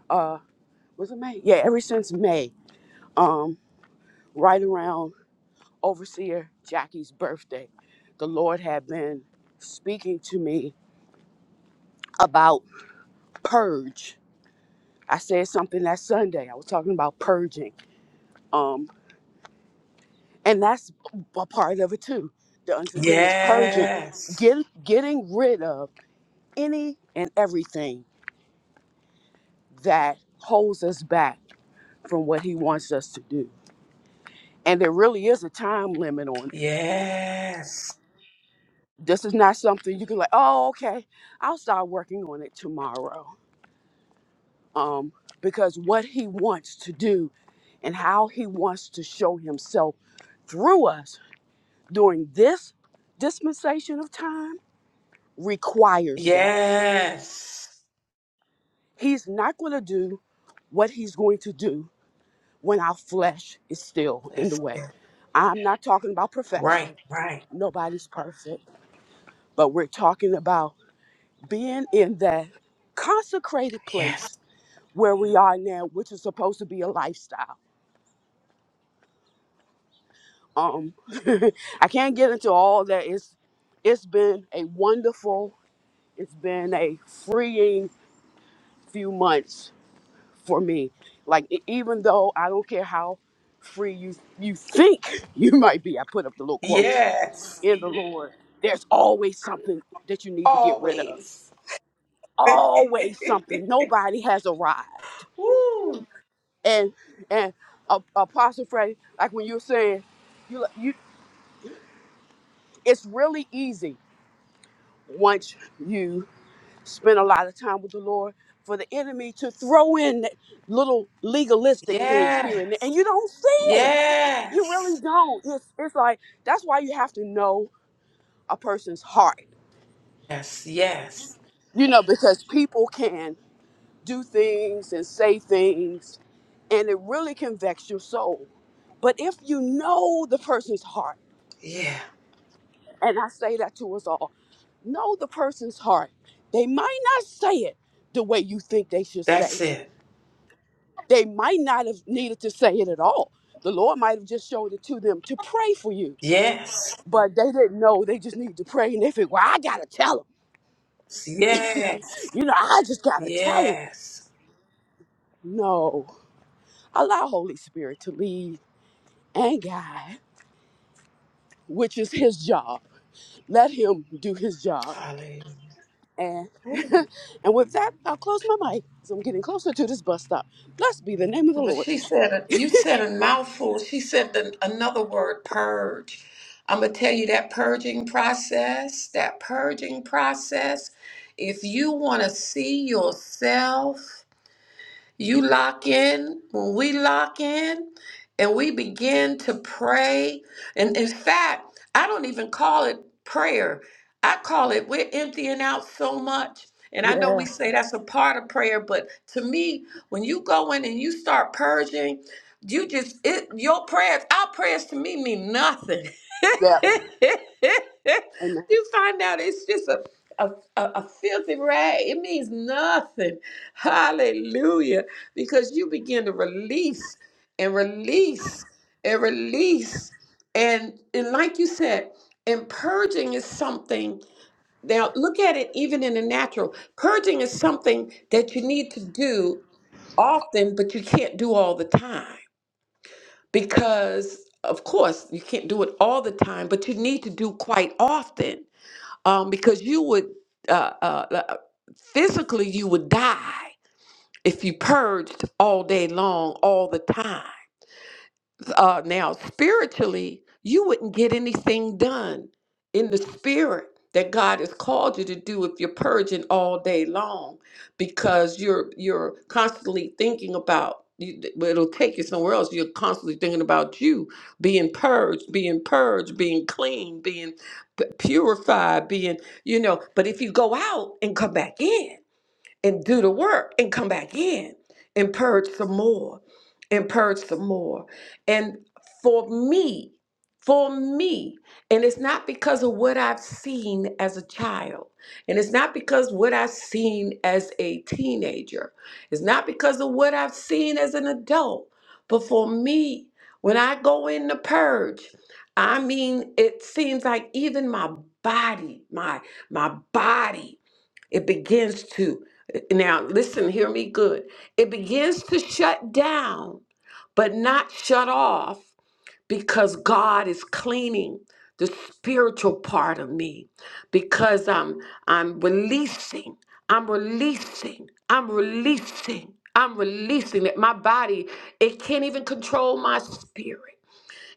Speaker 6: uh, was it May? Yeah, ever since May, um, right around Overseer Jackie's birthday, the Lord had been speaking to me about purge. I said something that Sunday. I was talking about purging. Um, and that's a part of it too. The unforgiveness purging.
Speaker 2: Yes.
Speaker 6: Get, getting rid of any and everything that holds us back from what he wants us to do. And there really is a time limit on it
Speaker 2: Yes.
Speaker 6: This is not something you can like, oh, okay, I'll start working on it tomorrow. Um, because what he wants to do and how he wants to show himself through us during this dispensation of time requires that.
Speaker 2: Yes.
Speaker 6: He's not going to do what he's going to do when our flesh is still in the
Speaker 2: That's
Speaker 6: way.
Speaker 2: it.
Speaker 6: I'm not talking about
Speaker 2: right.
Speaker 6: perfection.
Speaker 2: Right.
Speaker 6: Nobody's perfect, but we're talking about being in that consecrated
Speaker 2: Yes.
Speaker 6: place where we are now, which is supposed to be a lifestyle. Um, I can't get into all that. It's it's been a wonderful, it's been a freeing few months for me. Like e- even though I don't care how free you you think you might be, I put up the little quotes
Speaker 2: Yes.
Speaker 6: in the Lord. There's always something that you need to get rid of.
Speaker 2: Always.
Speaker 6: Always something. Nobody has arrived.
Speaker 2: Woo.
Speaker 6: And and uh, Apostle Freddie, like when you were saying. you you. it's really easy once you spend a lot of time with the Lord for the enemy to throw in little legalistic things
Speaker 2: Yes.
Speaker 6: here and there, and you don't see it. You really
Speaker 2: Yes.
Speaker 6: don't. It's it's like that's why you have to know a person's heart,
Speaker 2: Yes. Yes.
Speaker 6: you know, because people can do things and say things, and it really can vex your soul. But if you know the person's heart
Speaker 2: Yeah.
Speaker 6: And I say that to us all. Know the person's heart. They might not say it the way you think they should
Speaker 2: That's
Speaker 6: say it.
Speaker 2: it.
Speaker 6: They might not have needed to say it at all. The Lord might have just showed it to them to pray for you.
Speaker 2: Yes.
Speaker 6: But they didn't know. They just needed to pray. And they think, well, I got to tell them.
Speaker 2: Yes.
Speaker 6: You know, I just got to tell them.
Speaker 2: Yes.
Speaker 6: No. Allow Holy Spirit to lead and guide, which is his job. Let him do his job
Speaker 2: Hallelujah.
Speaker 6: And and with that, I'll close my mic. So I'm getting closer to this bus stop. Blessed be the name of the
Speaker 2: Well,
Speaker 6: Lord.
Speaker 2: she said, you said a mouthful. She said the, another word, purge. I'm going to tell you that purging process, that purging process, if you want to see yourself You lock in, when we lock in, and we begin to pray. And in fact, I don't even call it prayer, I call it we're emptying out so much. And I know we
Speaker 6: Yeah.
Speaker 2: say that's a part of prayer, but to me, when you go in and you start purging, you just it your prayers, our prayers to me mean nothing.
Speaker 6: Yep. Amen.
Speaker 2: you find out it's just a a, a, a filthy rag, it means nothing. Hallelujah. Because you begin to release and release and release. And, and like you said, and purging is something. Now, look at it even in the natural. Purging is something that you need to do often, but you can't do all the time because, of course, you can't do it all the time, but you need to do quite often um, because you would uh, uh, uh, physically you would die if you purged all day long all the time uh, now spiritually you wouldn't get anything done in the spirit that god has called you to do if you're purging all day long because you're you're constantly thinking about you- well, it'll take you somewhere else you're constantly thinking about you being purged being purged being clean being p- purified being you know but if you go out and come back in and do the work and come back in and purge some more and purge some more. And for me, for me, and it's not because of what I've seen as a child, and it's not because what I've seen as a teenager, it's not because of what I've seen as an adult, but for me, when I go in the purge, I mean, it seems like even my body, my my body it begins to, now listen, hear me good. It begins to shut down, but not shut off because God is cleaning the spiritual part of me because I'm I'm releasing I'm releasing I'm releasing I'm releasing that my body it can't even control my spirit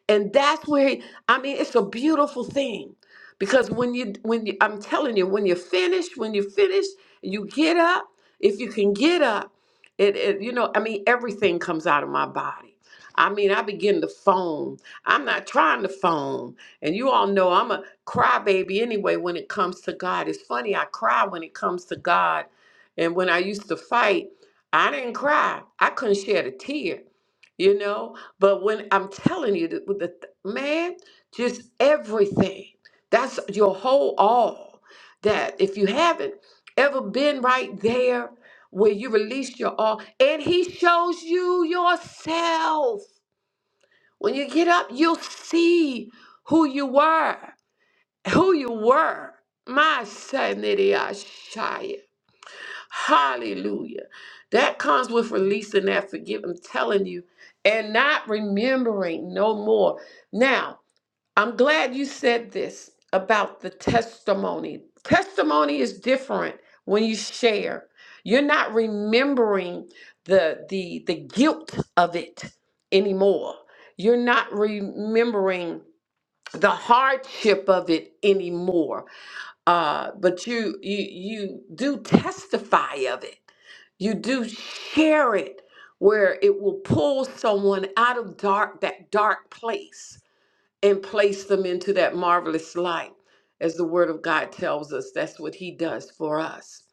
Speaker 2: and that's where he- i mean it's a beautiful thing because when you when you i'm telling you when you're finished when you're finished you get up if you can get up it, it you know i mean everything comes out of my body i mean i begin to foam i'm not trying to foam and you all know i'm a crybaby anyway when it comes to god it's funny i cry when it comes to god and when i used to fight i didn't cry i couldn't shed a tear you know but when I'm telling you that with the th- man, just everything. That's your whole all. That if you haven't ever been right there where you release your all, and he shows you yourself. When you get up, you'll see who you were. Who you were. My son, Hallelujah. That comes with releasing that forgive. I'm telling you, and not remembering no more. Now, I'm glad you said this about the testimony. Testimony is different when you share. You're not remembering the the the guilt of it anymore. You're not remembering the hardship of it anymore uh, but you you you do testify of it. You do share it where it will pull someone out of dark that dark place and place them into that marvelous light. As the word of God tells us, that's what he does for us.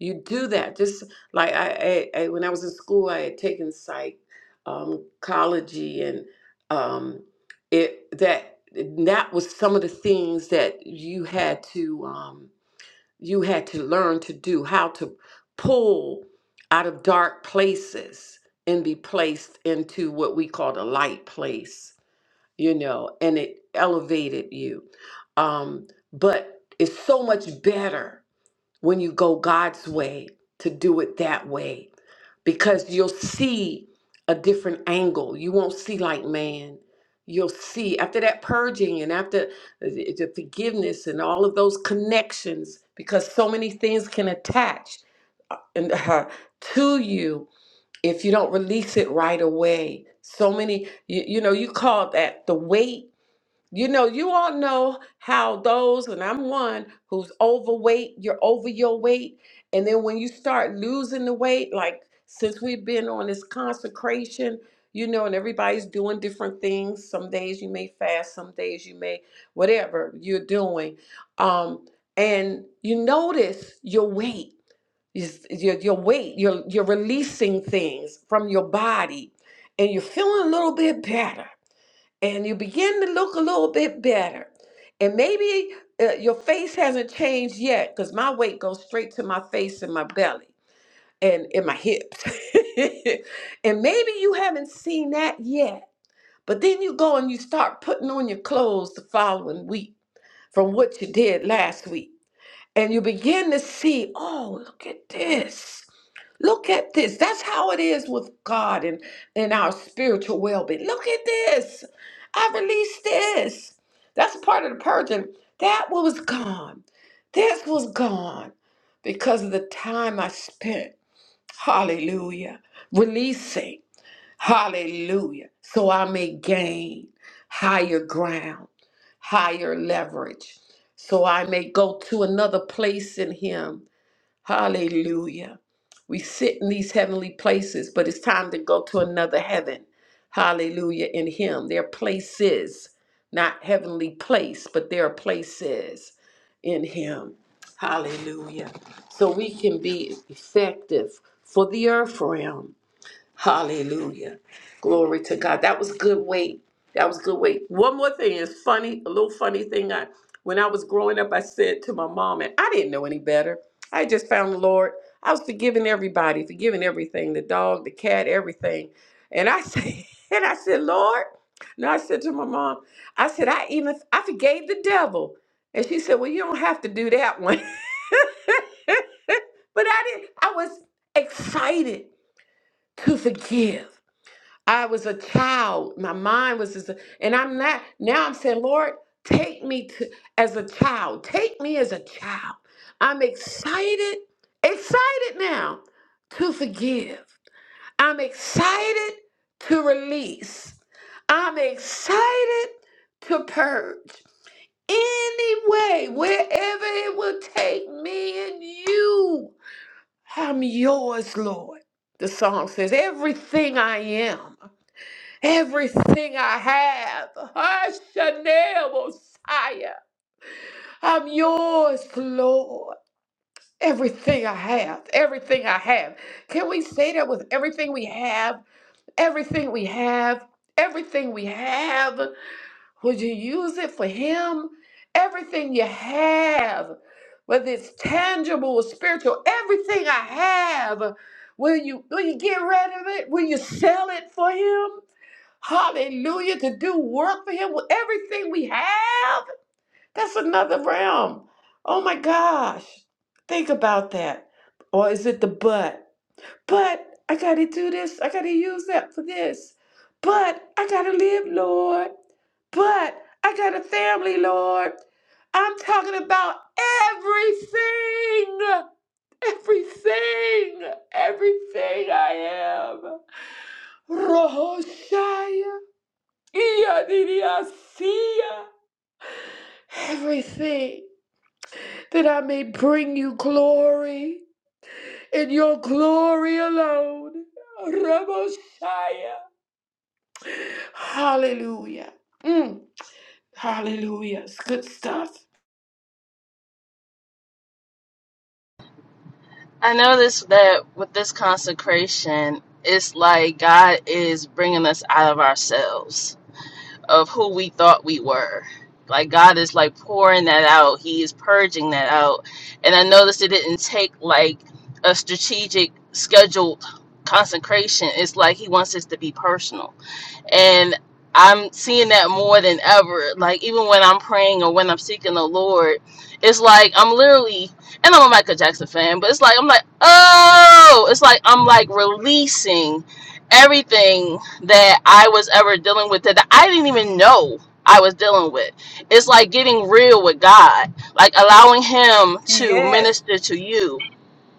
Speaker 2: You do that just like I, I, I when I was in school, I had taken psych, um, ecology, and um, it that that was some of the things that you had to um, you had to learn to do how to pull out of dark places and be placed into what we call the light place you know and it elevated you um but it's so much better when you go god's way to do it that way because you'll see a different angle. You won't see like man. You'll see after that purging and after the the forgiveness and all of those connections, because so many things can attach and uh, to you if you don't release it right away. So many, you, you know, you call that the weight you know, you all know how those, and I'm one who's overweight, you're over your weight. And then when you start losing the weight, like since we've been on this consecration, you know, and everybody's doing different things. Some days you may fast, some days you may, whatever you're doing. Um, and you notice your weight, is- your, your weight, you're, you're releasing things from your body and you're feeling a little bit better and you begin to look a little bit better. And maybe uh, your face hasn't changed yet because my weight goes straight to my face and my belly and in my hips. and maybe you haven't seen that yet. But then you go and you start putting on your clothes the following week from what you did last week and you begin to see, oh, look at this. Look at this. That's how it is with God and, and our spiritual well being. Look at this. I released this. That's part of the purging. That was gone. This was gone because of the time I spent, hallelujah, releasing. Hallelujah. So I may gain higher ground, higher leverage. So I may go to another place in Him. Hallelujah. We sit in these heavenly places, but it's time to go to another heaven. Hallelujah. In Him. There are places, not heavenly place, but there are places in Him. Hallelujah. So we can be effective for the earth realm Hallelujah. Glory to God. That was good weight. That was good weight. One more thing is funny, a little funny thing. I when I was growing up, I said to my mom, and I didn't know any better. I just found the Lord. I was forgiving everybody, forgiving everything, the dog, the cat, everything. And I said, and I said, Lord, no, I said to my mom, I said, I even I forgave the devil. And she said, Well, you don't have to do that one. but I didn't, I was excited to forgive. I was a child. My mind was just, and I'm not, now I'm saying, Lord, take me to, as a child. Take me as a child. I'm excited, excited now to forgive. I'm excited to release. I'm excited to purge. Any way, wherever it will take me and you. I'm yours, Lord. The song says, Everything I am, everything I have, Hashanel Mosiah, I'm yours, Lord. Everything I have, everything I have. Can we say that with everything we have? Everything we have, everything we have. Would you use it for Him? Everything you have, whether it's tangible or spiritual, everything I have, will you will you get rid of it? Will you sell it for Him? Hallelujah! To do work for Him with everything we have. That's another realm. Oh my gosh! Think about that. Or is it the but? But I gotta do this. I gotta use that for this. But I gotta live, Lord. But I got a family, Lord. I'm talking about everything. Everything. Everything I am. Rohoshaya. Iyadidiasia. Everything that I may bring you glory in your glory alone. Raboshaya. Hallelujah. Mm. Hallelujah. It's good stuff.
Speaker 7: I noticed that with this consecration, it's like God is bringing us out of ourselves, of who we thought we were. Like God is like pouring that out. He is purging that out. And I noticed it didn't take like a strategic, scheduled consecration. It's like He wants us to be personal and I'm seeing that more than ever. Like even when I'm praying or when I'm seeking the Lord, it's like I'm literally, and I'm a Michael Jackson fan, but it's like I'm like, oh, it's like I'm like releasing everything that I was ever dealing with that I didn't even know I was dealing with. It's like getting real with God, like allowing Him to
Speaker 2: Yes.
Speaker 7: minister to you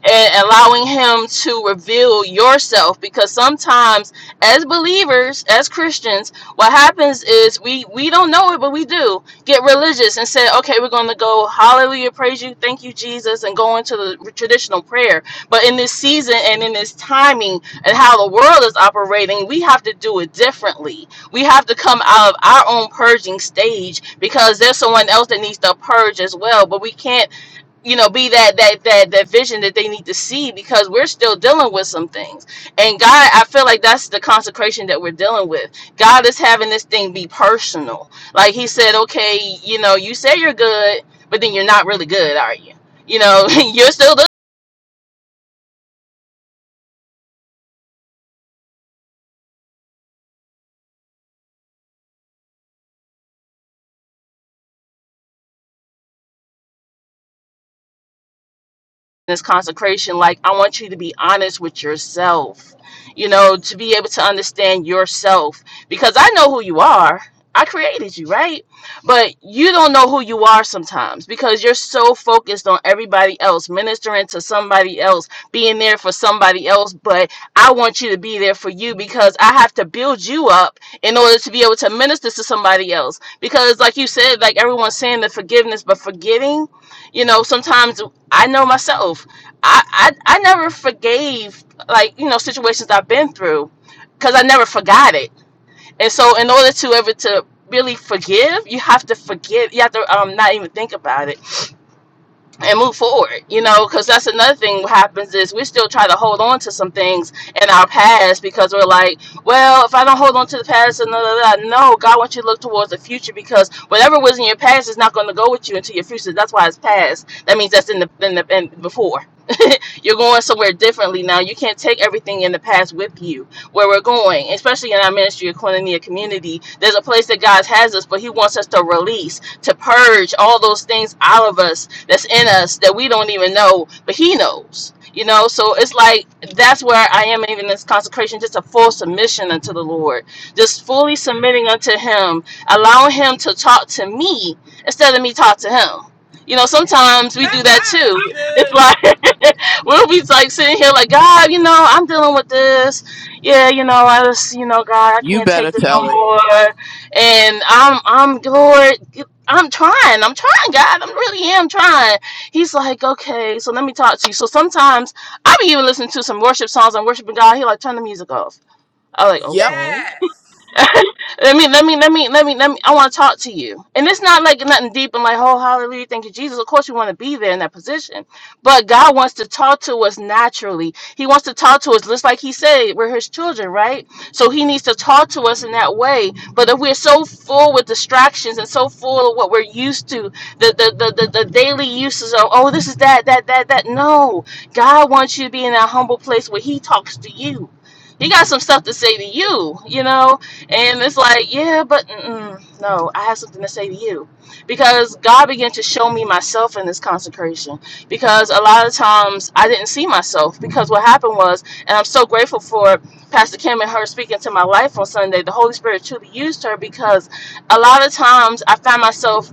Speaker 7: and allowing him to reveal yourself because sometimes as believers as christians what happens is we we don't know it but we do get religious and say okay we're going to go hallelujah praise you thank you jesus and go into the traditional prayer but in this season and in this timing and how the world is operating we have to do it differently we have to come out of our own purging stage because there's someone else that needs to purge as well but we can't you know be that that that that vision that they need to see because we're still dealing with some things and god i feel like that's the consecration that we're dealing with god is having this thing be personal like he said okay you know you say you're good but then you're not really good are you you know you're still this consecration like i want you to be honest with yourself you know to be able to understand yourself because i know who you are i created you right but you don't know who you are sometimes because you're so focused on everybody else ministering to somebody else being there for somebody else but i want you to be there for you because i have to build you up in order to be able to minister to somebody else because like you said like everyone's saying the forgiveness but forgetting you know sometimes I know myself. I, I I never forgave like you know situations I've been through because I never forgot it. And so in order to ever to really forgive, you have to forgive. You have to um not even think about it and move forward you know because that's another thing what happens is we still try to hold on to some things in our past because we're like well if i don't hold on to the past and blah, blah, blah. no god wants you to look towards the future because whatever was in your past is not going to go with you into your future that's why it's past that means that's in the in the in before you're going somewhere differently now you can't take everything in the past with you where we're going especially in our ministry of koinonia community there's a place that god has us but he wants us to release to purge all those things out of us that's in us that we don't even know, but He knows. You know, so it's like that's where I am even in this consecration, just a full submission unto the Lord, just fully submitting unto Him, allowing Him to talk to me instead of me talk to Him. You know, sometimes we do that too.
Speaker 2: That's
Speaker 7: It's
Speaker 2: good.
Speaker 7: like we'll be like sitting here like, God, you know, I'm dealing with this. Yeah, you know, I just, you know, God, I
Speaker 6: You
Speaker 7: can't take
Speaker 6: better
Speaker 7: this no
Speaker 6: tell it.
Speaker 7: more. And I'm, I'm, Lord, I'm trying. I'm trying, God. I really am trying. He's like, okay, so let me talk to you. So sometimes I be even listening to some worship songs and worshiping God. He like, turn the music off. I like,
Speaker 6: Yep.
Speaker 7: okay.
Speaker 2: Yes.
Speaker 7: Let me, let me, let me, let me, let me. I want to talk to you. And it's not like nothing deep and like, oh, hallelujah, thank you, Jesus. Of course, you want to be there in that position. But God wants to talk to us naturally. He wants to talk to us, just like He said, we're His children, right? So He needs to talk to us in that way. But if we're so full with distractions and so full of what we're used to, the, the, the, the, the daily uses of, oh, this is that, that, that, that. No, God wants you to be in that humble place where He talks to you. He got some stuff to say to you, you know, and it's like, yeah, but mm-mm, no, I have something to say to you. Because God began to show me myself in this consecration. Because a lot of times I didn't see myself. Because what happened was, and I'm so grateful for Pastor Kim and her speaking to my life on Sunday, the Holy Spirit truly used her because a lot of times I found myself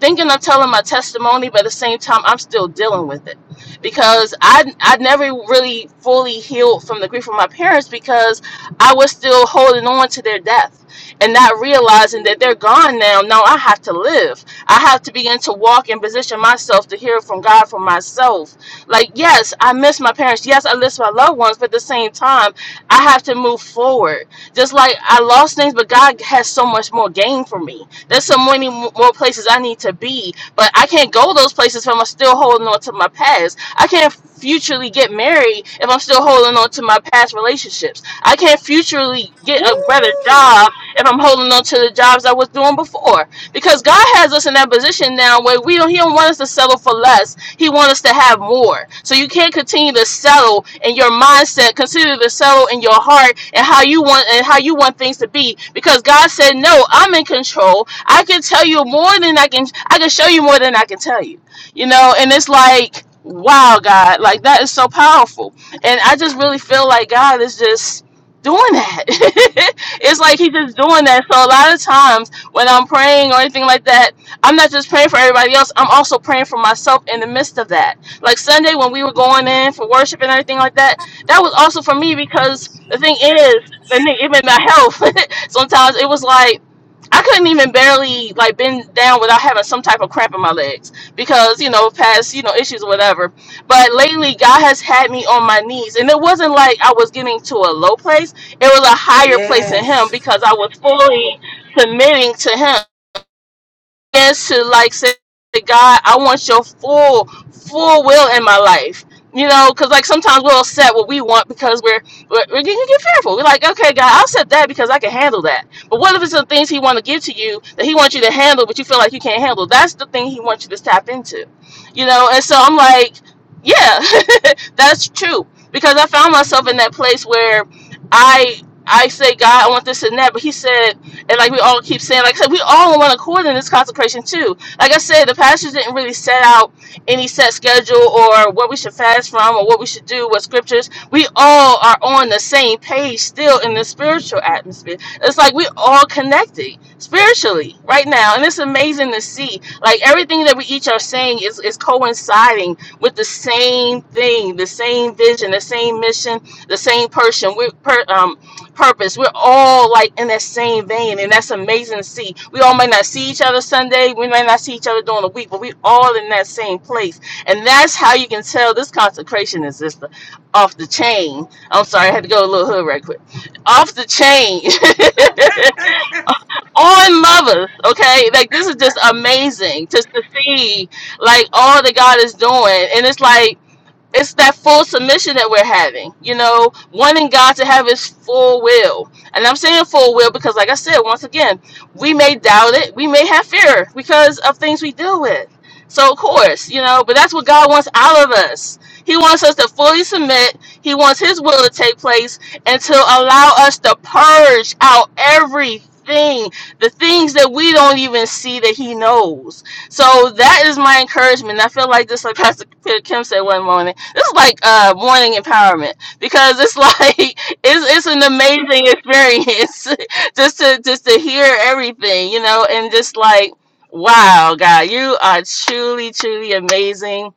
Speaker 7: thinking of telling my testimony, but at the same time, I'm still dealing with it because I I never really fully healed from the grief of my parents because I was still holding on to their death and not realizing that they're gone now. Now I have to live. I have to begin to walk and position myself to hear from God for myself. Like yes, I miss my parents. Yes, I miss my loved ones, but at the same time, I have to move forward. Just like I lost things, but God has so much more gain for me there's so many more places I need to be, but I can't go those places if I'm still holding on to my past. I can't futurely get married if I'm still holding on to my past relationships. I can't futurely get a better
Speaker 2: Woo.
Speaker 7: job if I'm holding on to the jobs I was doing before. Because God has us in that position now where we don't, He don't want us to settle for less. He wants us to have more. So you can't continue to settle in your mindset. continue to settle in your heart and how you want and how you want things to be. Because God said, "No, I'm in control. I can tell you more than I can I can show you more than I can tell you. You know, and it's like, wow, God, like that is so powerful. And I just really feel like God is just doing that. it's like he's just doing that. So a lot of times when I'm praying or anything like that, I'm not just praying for everybody else. I'm also praying for myself in the midst of that. Like Sunday when we were going in for worship and everything like that, that was also for me because the thing is, and even my health, sometimes it was like I couldn't even barely like bend down without having some type of cramp in my legs because you know past you know issues or whatever. But lately, God has had me on my knees, and it wasn't like I was getting to a low place. It was a higher place in Him
Speaker 2: Yes.
Speaker 7: because I was fully committing to Him is to like say, God, I want your full, full will in my life. You know, because like sometimes we'll set what we want because we're we're, we're get get fearful. We're like, okay, God, I'll set that because I can handle that. But what if it's the things He want to give to you that He wants you to handle, but you feel like you can't handle? That's the thing He wants you to tap into. You know, and so I'm like, yeah, that's true because I found myself in that place where I I say, God, I want this and that, but He said. And like we all keep saying, like I said, we all on one accord in this consecration too. Like I said, the pastors didn't really set out any set schedule or what we should fast from or what we should do, what scriptures. We all are on the same page still in the spiritual atmosphere. It's like we all connected spiritually right now. And it's amazing to see. Like everything that we each are saying is, is coinciding with the same thing, the same vision, the same mission, the same person. We're, per, um, purpose. We're all like in that same vein, and that's amazing to see. We all may not see each other Sunday, we may not see each other during the week, but we all in that same place. And that's how you can tell this consecration is just off the chain. I'm sorry, I had to go a little hood right quick. Off the chain. On lovers, okay? Like this is just amazing just to see like all that God is doing. And it's like it's that full submission that we're having, you know, wanting God to have his full will. And I'm saying full will because, like I said, once again, we may doubt it, we may have fear because of things we deal with. So, of course, you know, but that's what God wants out of us. He wants us to fully submit, He wants His will to take place, and to allow us to purge out everything. The things that we don't even see that he knows. So that is my encouragement. I feel like this, like Pastor Kim said one morning. This is like uh morning empowerment because it's like it's it's an amazing experience just to just to hear everything, you know, and just like wow, God, you are truly truly amazing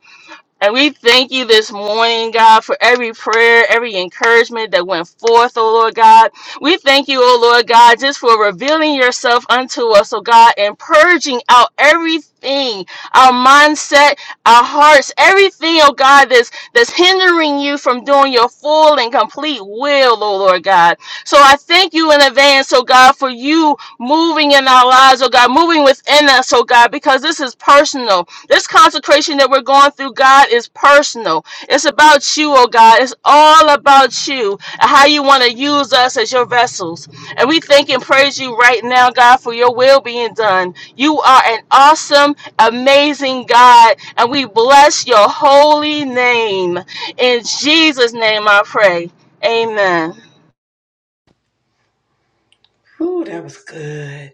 Speaker 7: and we thank you this morning, God, for every prayer, every encouragement that went forth, oh Lord God. We thank you, oh Lord God, just for revealing yourself unto us, oh God, and purging out everything, our mindset, our hearts, everything, oh God, that's that's hindering you from doing your full and complete will, oh Lord God. So I thank you in advance, oh God, for you moving in our lives, oh God, moving within us, oh God, because this is personal. This consecration that we're going through, God, is personal. It's about you, oh God. It's all about you and how you want to use us as your vessels. And we thank and praise you right now, God, for your will being done. You are an awesome, amazing God, and we bless your holy name. In Jesus' name I pray. Amen.
Speaker 2: Ooh, that was good.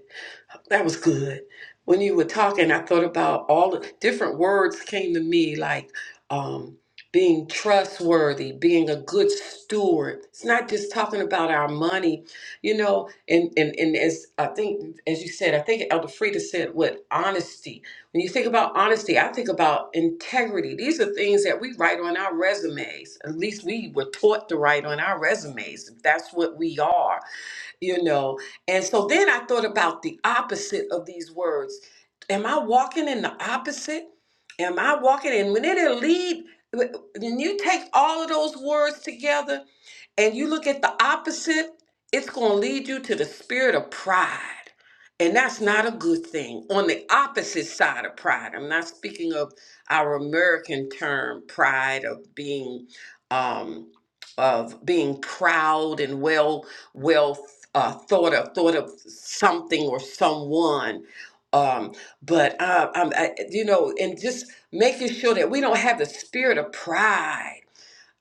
Speaker 2: That was good. When you were talking, I thought about all the different words came to me, like um, being trustworthy, being a good steward. It's not just talking about our money, you know. And and and as I think, as you said, I think Elder Frida said, "What honesty." When you think about honesty, I think about integrity. These are things that we write on our resumes. At least we were taught to write on our resumes. That's what we are you know. And so then I thought about the opposite of these words. Am I walking in the opposite? Am I walking in when it lead when you take all of those words together? and you look at the opposite, it's going to lead you to the spirit of pride. And that's not a good thing. On the opposite side of pride, I'm not speaking of our American term pride of being um, of being proud and well well uh, thought of thought of something or someone. Um, but uh, I'm, I, you know, and just making sure that we don't have the spirit of pride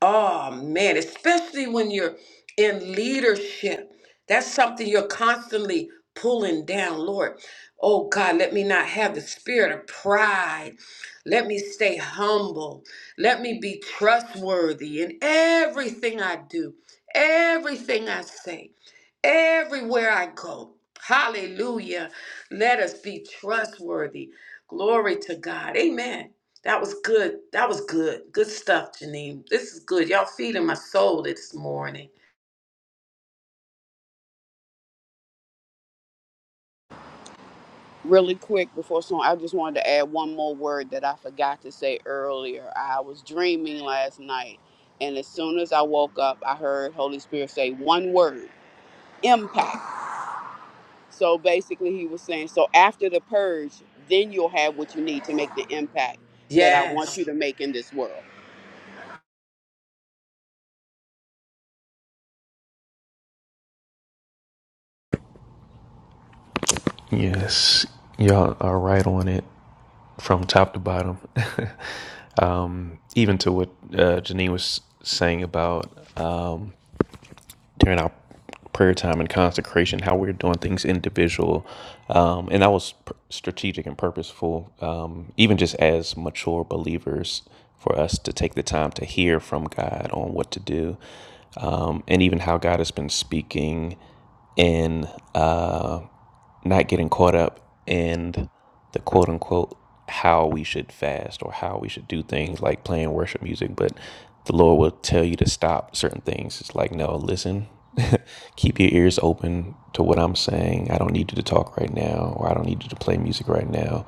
Speaker 2: Oh man, especially when you're in leadership. That's something you're constantly pulling down, Lord. Oh God, let me not have the spirit of pride. Let me stay humble. Let me be trustworthy in everything I do, everything I say, everywhere I go. Hallelujah. Let us be trustworthy. Glory to God. Amen. That was good. That was good. Good stuff, Janine. This is good. Y'all feeding my soul this morning.
Speaker 6: Really quick before song, I just wanted to add one more word that I forgot to say earlier. I was dreaming last night, and as soon as I woke up, I heard Holy Spirit say one word impact. So basically, he was saying, So after the purge, then you'll have what you need to make the impact that I want
Speaker 2: Yes.
Speaker 6: you to make in this world.
Speaker 4: Yes, y'all are right on it from top to bottom. um, even to what uh, Janine was saying about. during our prayer time and consecration, how we're doing things individual. Um, and that was pr- strategic and purposeful, um, even just as mature believers, for us to take the time to hear from God on what to do um, and even how God has been speaking in. Uh, not getting caught up in the quote unquote how we should fast or how we should do things like playing worship music, but the Lord will tell you to stop certain things. It's like, no, listen, keep your ears open to what I'm saying. I don't need you to talk right now, or I don't need you to play music right now.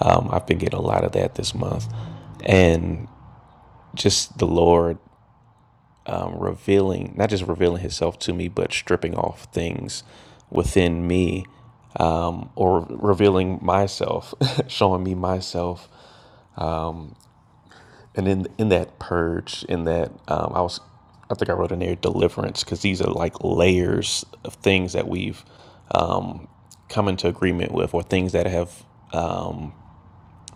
Speaker 4: Um, I've been getting a lot of that this month, and just the Lord um, revealing, not just revealing himself to me, but stripping off things within me um, or revealing myself, showing me myself. And in, in that purge, in that, um, I was, I think I wrote in there deliverance, because these are like layers of things that we've um, come into agreement with or things that have,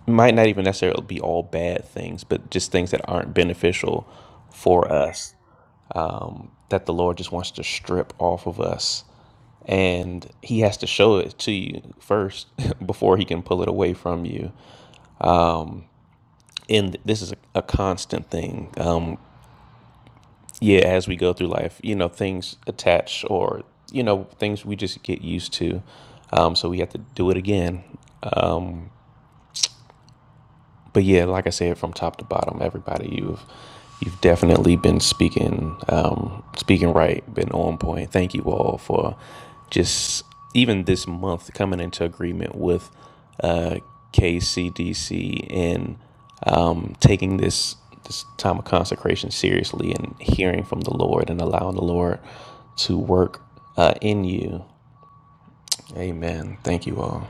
Speaker 4: might not even necessarily be all bad things, but just things that aren't beneficial for us. that the Lord just wants to strip off of us. And he has to show it to you first before he can pull it away from you. And this is a, a constant thing. Um, yeah, as we go through life, you know, things attach or, you know, things we just get used to. Um, so we have to do it again. but yeah, like I said, from top to bottom, everybody you've you've definitely been speaking um, speaking right, been on point. Thank you all for just even this month coming into agreement with uh, KCDC and um, taking this this time of consecration seriously and hearing from the Lord and allowing the Lord to work uh, in you. Amen. Thank you all.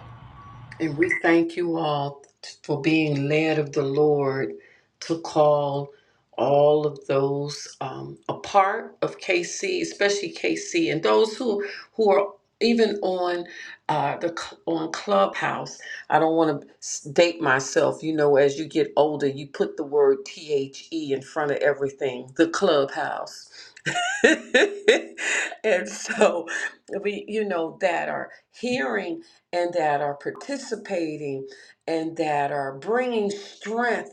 Speaker 2: And we thank you all for being led of the Lord to call all of those um, a part of KC, especially KC, and those who who are even on uh, the cl- on Clubhouse. I don't want to date myself. You know, as you get older, you put the word T H E in front of everything. The Clubhouse and so we you know that are hearing and that are participating and that are bringing strength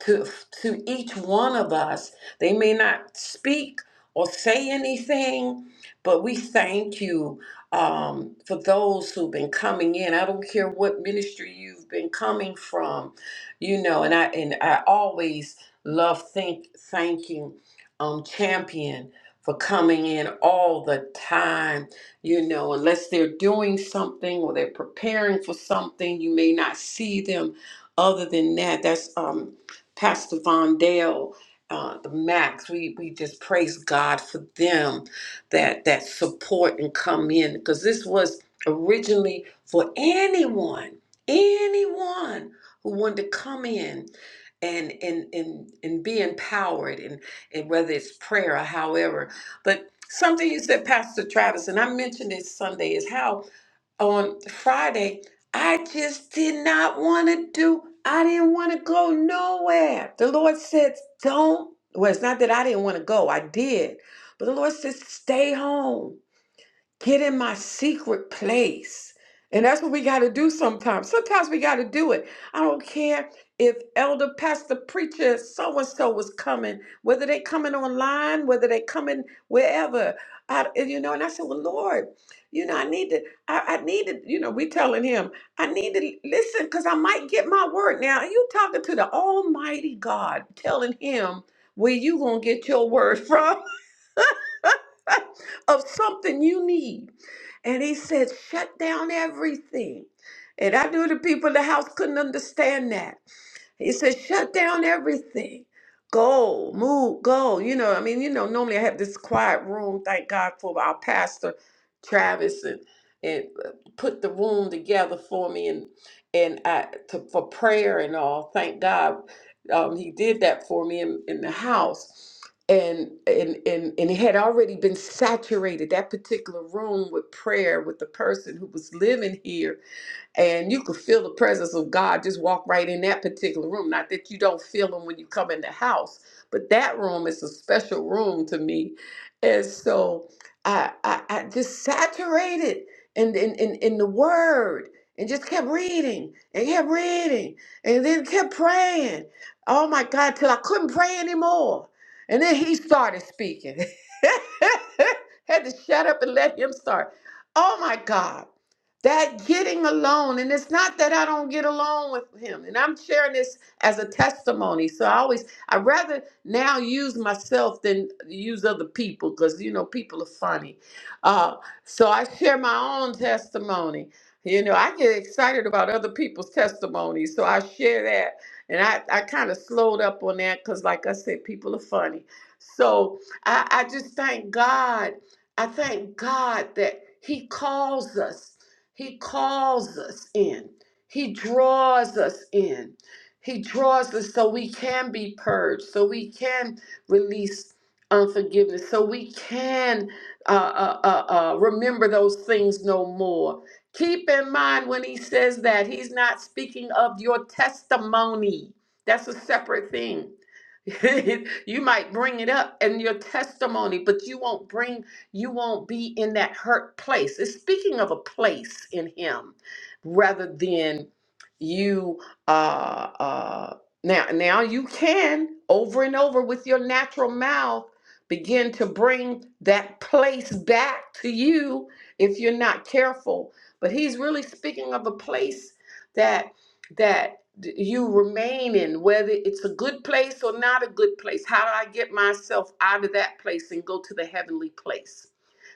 Speaker 2: to to each one of us they may not speak or say anything but we thank you um, for those who've been coming in i don't care what ministry you've been coming from you know and i and i always love think thanking um champion for coming in all the time. You know, unless they're doing something or they're preparing for something, you may not see them. Other than that, that's um, Pastor Von Dale, uh, the Max. We we just praise God for them that that support and come in because this was originally for anyone, anyone who wanted to come in and and and and be empowered and and whether it's prayer or however but something you said, Pastor Travis, and I mentioned it Sunday, is how on Friday, I just did not want to do, I didn't want to go nowhere. The Lord said, don't. Well, it's not that I didn't want to go, I did. But the Lord said, stay home. Get in my secret place. And that's what we got to do sometimes. Sometimes we got to do it. I don't care if elder, pastor, preacher, so and so was coming, whether they coming online, whether they coming wherever. I, and, you know, and I said, well, Lord, you know, I need to, I, I need to, you know, we telling him, I need to listen because I might get my word. Now, you talking to the almighty God, telling him where you going to get your word from. of something you need. And he said, shut down everything. And I knew the people in the house couldn't understand that. He said, shut down everything. Go, move, go. You know, I mean, you know, normally I have this quiet room. Thank God for our pastor, Travis, and and uh, put the room together for me and and I to, for prayer and all. Thank God, um, he did that for me in, in the house. And, and and and it had already been saturated that particular room with prayer with the person who was living here and you could feel the presence of God just walk right in that particular room. Not that you don't feel them when you come in the house, but that room is a special room to me. And so I I, I just saturated in, in in in the word and just kept reading and kept reading and then kept praying. Oh my God, till I couldn't pray anymore. And then he started speaking. Had to shut up and let him start. Oh my God that getting alone and it's not that i don't get along with him and i'm sharing this as a testimony so i always i rather now use myself than use other people because you know people are funny uh, so i share my own testimony you know i get excited about other people's testimonies so i share that and i, I kind of slowed up on that because like i said people are funny so i, I just thank god i thank god that he calls us he calls us in. He draws us in. He draws us so we can be purged, so we can release unforgiveness, so we can uh, uh, uh, uh, remember those things no more. Keep in mind when he says that, he's not speaking of your testimony. That's a separate thing. you might bring it up in your testimony, but you won't bring you won't be in that hurt place. It's speaking of a place in Him rather than you. Uh, uh, now, now you can over and over with your natural mouth begin to bring that place back to you if you're not careful. But He's really speaking of a place that that d- you remain in whether it's a good place or not a good place how do i get myself out of that place and go to the heavenly place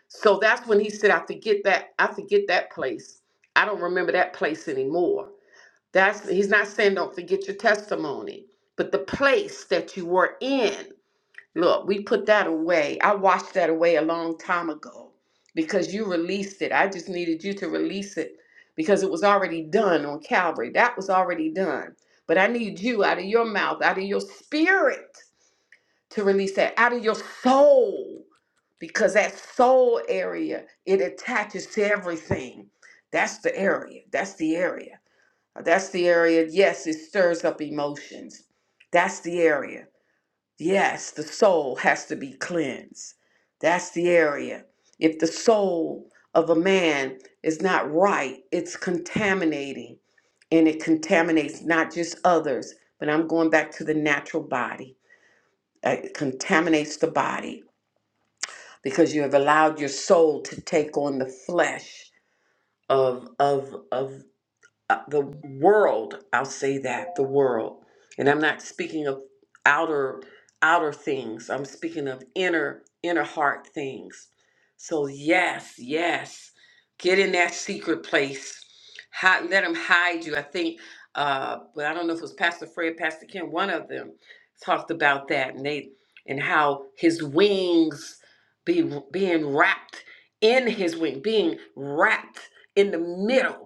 Speaker 2: so that's when he said, I forget that, I forget that place. I don't remember that place anymore. That's he's not saying don't forget your testimony, but the place that you were in. Look, we put that away. I washed that away a long time ago because you released it. I just needed you to release it because it was already done on Calvary. That was already done. But I need you out of your mouth, out of your spirit to release that out of your soul because that soul area it attaches to everything that's the area that's the area that's the area yes it stirs up emotions that's the area yes the soul has to be cleansed that's the area if the soul of a man is not right it's contaminating and it contaminates not just others but i'm going back to the natural body it contaminates the body because you have allowed your soul to take on the flesh of of of uh, the world i'll say that the world and i'm not speaking of outer outer things i'm speaking of inner inner heart things so yes yes get in that secret place hide, let them hide you i think uh but i don't know if it was pastor fred pastor kim one of them talked about that and they and how his wings be being wrapped in his wing being wrapped in the middle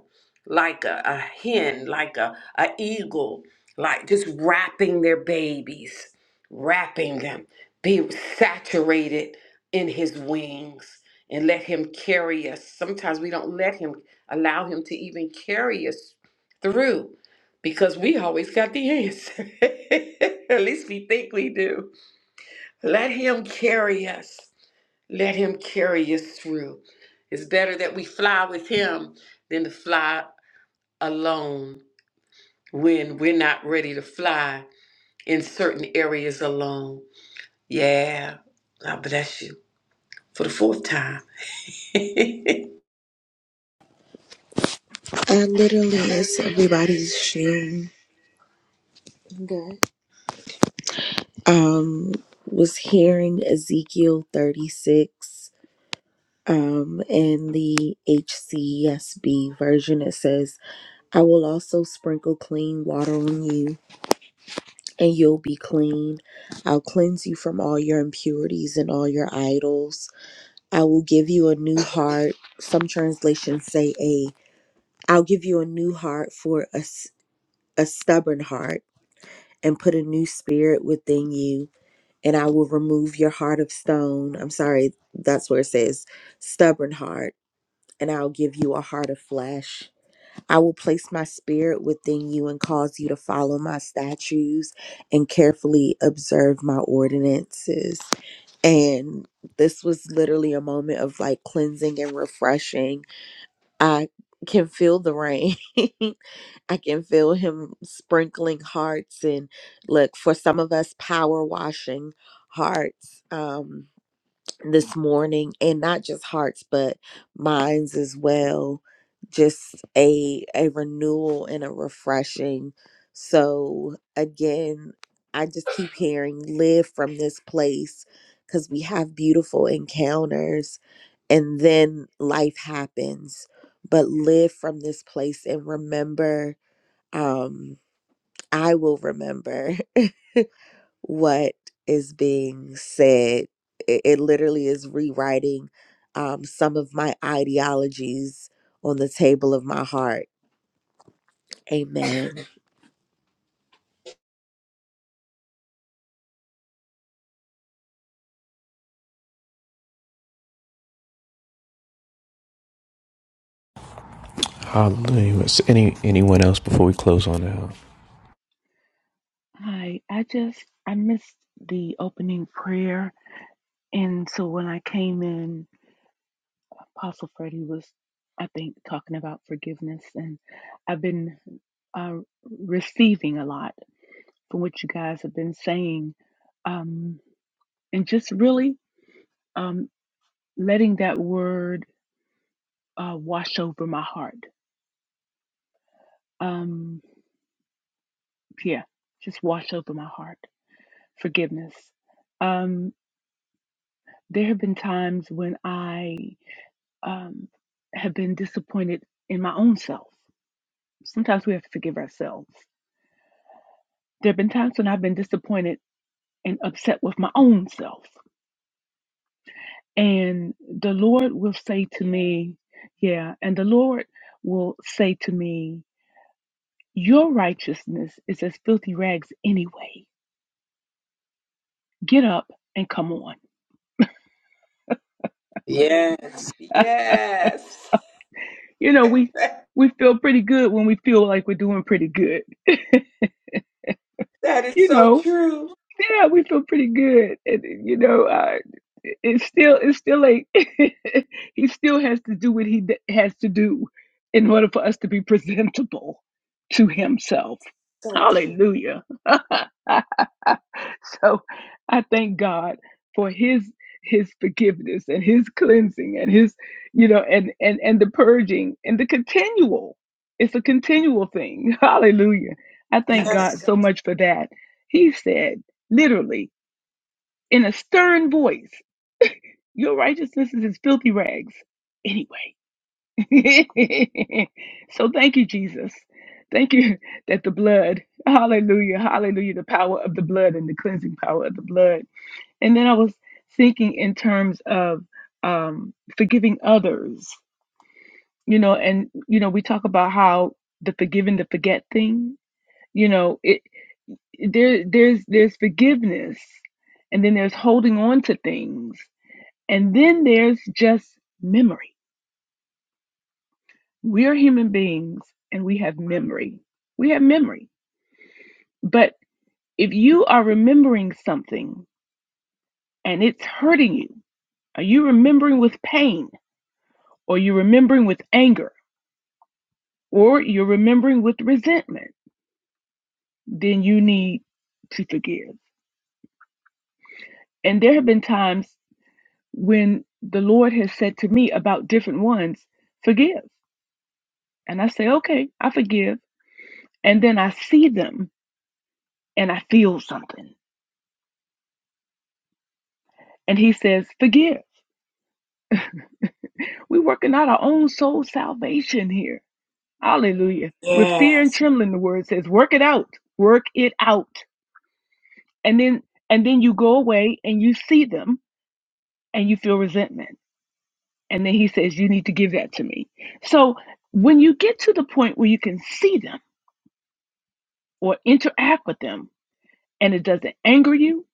Speaker 2: like a, a hen, like a, a eagle, like just wrapping their babies, wrapping them, be saturated in his wings and let him carry us. Sometimes we don't let him allow him to even carry us through because we always got the answer. At least we think we do. Let him carry us. Let him carry us through. It's better that we fly with him than to fly alone when we're not ready to fly in certain areas alone. Yeah, God bless you for the fourth time.
Speaker 8: I literally, miss everybody's shame. Good. Um, was hearing Ezekiel 36. Um, in the HCSB version, it says, I will also sprinkle clean water on you, and you'll be clean. I'll cleanse you from all your impurities and all your idols. I will give you a new heart. Some translations say a. I'll give you a new heart for a, s- a stubborn heart and put a new spirit within you, and I will remove your heart of stone. I'm sorry, that's where it says stubborn heart, and I'll give you a heart of flesh. I will place my spirit within you and cause you to follow my statutes and carefully observe my ordinances. And this was literally a moment of like cleansing and refreshing I can feel the rain. I can feel him sprinkling hearts and look for some of us power washing hearts. Um this morning and not just hearts but minds as well just a a renewal and a refreshing so again i just keep hearing live from this place cuz we have beautiful encounters and then life happens but live from this place and remember um i will remember what is being said. It, it literally is rewriting um, some of my ideologies on the table of my heart. Amen.
Speaker 4: Hallelujah. Any anyone else before we close on out?
Speaker 9: Hi, I just I missed the opening prayer, and so when I came in, Apostle Freddie was, I think, talking about forgiveness, and I've been uh, receiving a lot from what you guys have been saying, um, and just really um, letting that word uh, wash over my heart. Um, yeah, just wash over my heart. Forgiveness. Um, there have been times when I um, have been disappointed in my own self. Sometimes we have to forgive ourselves. There have been times when I've been disappointed and upset with my own self. And the Lord will say to me, Yeah, and the Lord will say to me, Your righteousness is as filthy rags anyway. Get up and come on.
Speaker 2: Yes. Yes.
Speaker 9: you know, we we feel pretty good when we feel like we're doing pretty good.
Speaker 2: That is
Speaker 9: You
Speaker 2: so
Speaker 9: know,
Speaker 2: true.
Speaker 9: Yeah, we feel pretty good, and you know, uh, it- it's still it's still a he still has to do what he d- has to do in order for us to be presentable to himself.
Speaker 2: so true.
Speaker 9: Hallelujah. so I thank God for his his forgiveness and his cleansing and his you know and and and the purging and the continual it's a continual thing hallelujah i thank god
Speaker 2: Yes.
Speaker 9: so much for that he said literally in a stern voice, Your righteousness is as filthy rags. Anyway. so thank you, Jesus. Thank you that the blood, hallelujah, hallelujah, the power of the blood and the cleansing power of the blood. And then I was thinking in terms of um, forgiving others, you know, and, you know, we talk about how the forgiving the forget thing, you know, it, there, there's, there's forgiveness and then there's holding on to things And then there's just memory. We're human beings and we have memory. We have memory. But if you are remembering something and it's hurting you, are you remembering with pain or you're remembering with anger or you're remembering with resentment, then you need to forgive. And there have been times when the Lord has said to me about different ones, forgive. And I say, okay, I forgive. And then I see them and I feel something. And he says, Forgive. We're working out our own soul salvation here. Hallelujah. With fear and
Speaker 2: Yes.
Speaker 9: trembling, the word says, Work it out. Work it out. And then and then you go away and you see them and you feel resentment. And then he says, You need to give that to me. So when you get to the point where you can see them or interact with them and it doesn't anger you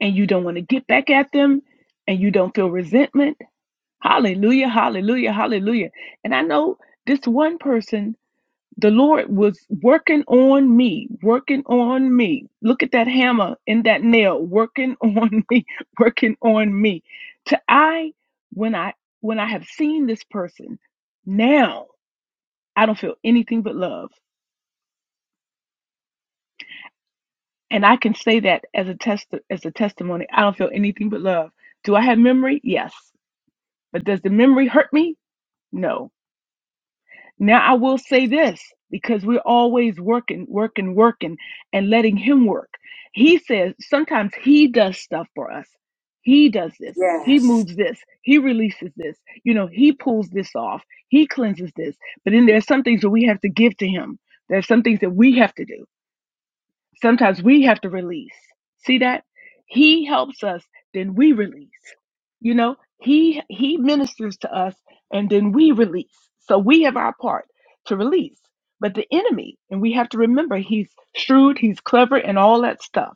Speaker 9: and you don't want to get back at them and you don't feel resentment, hallelujah, hallelujah, hallelujah. And I know this one person the Lord was working on me, working on me. Look at that hammer and that nail, working on me, working on me. To I, when I when I have seen this person, now I don't feel anything but love, and I can say that as a test as a testimony. I don't feel anything but love. Do I have memory? Yes, but does the memory hurt me? No. Now I will say this because we're always working, working, working, and letting him work. He says sometimes he does stuff for us. He does this. He
Speaker 2: Yes.
Speaker 9: moves this. He releases this. You know, he pulls this off. He cleanses this. But then there's some things that we have to give to him. There's some things that we have to do. Sometimes we have to release. See that? He helps us, then we release. You know, he he ministers to us and then we release. So we have our part to release. But the enemy, and we have to remember he's shrewd, he's clever and all that stuff.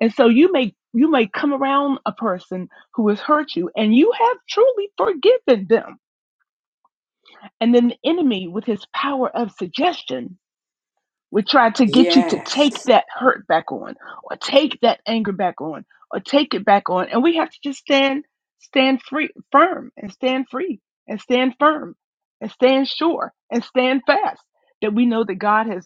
Speaker 9: And so you may you may come around a person who has hurt you and you have truly forgiven them. And then the enemy with his power of suggestion we try to get you to take
Speaker 2: Yes.
Speaker 9: that hurt back on, or take that anger back on, or take it back on. And we have to just stand, stand free, firm, and stand free, and stand firm, and stand sure, and stand fast. That we know that God has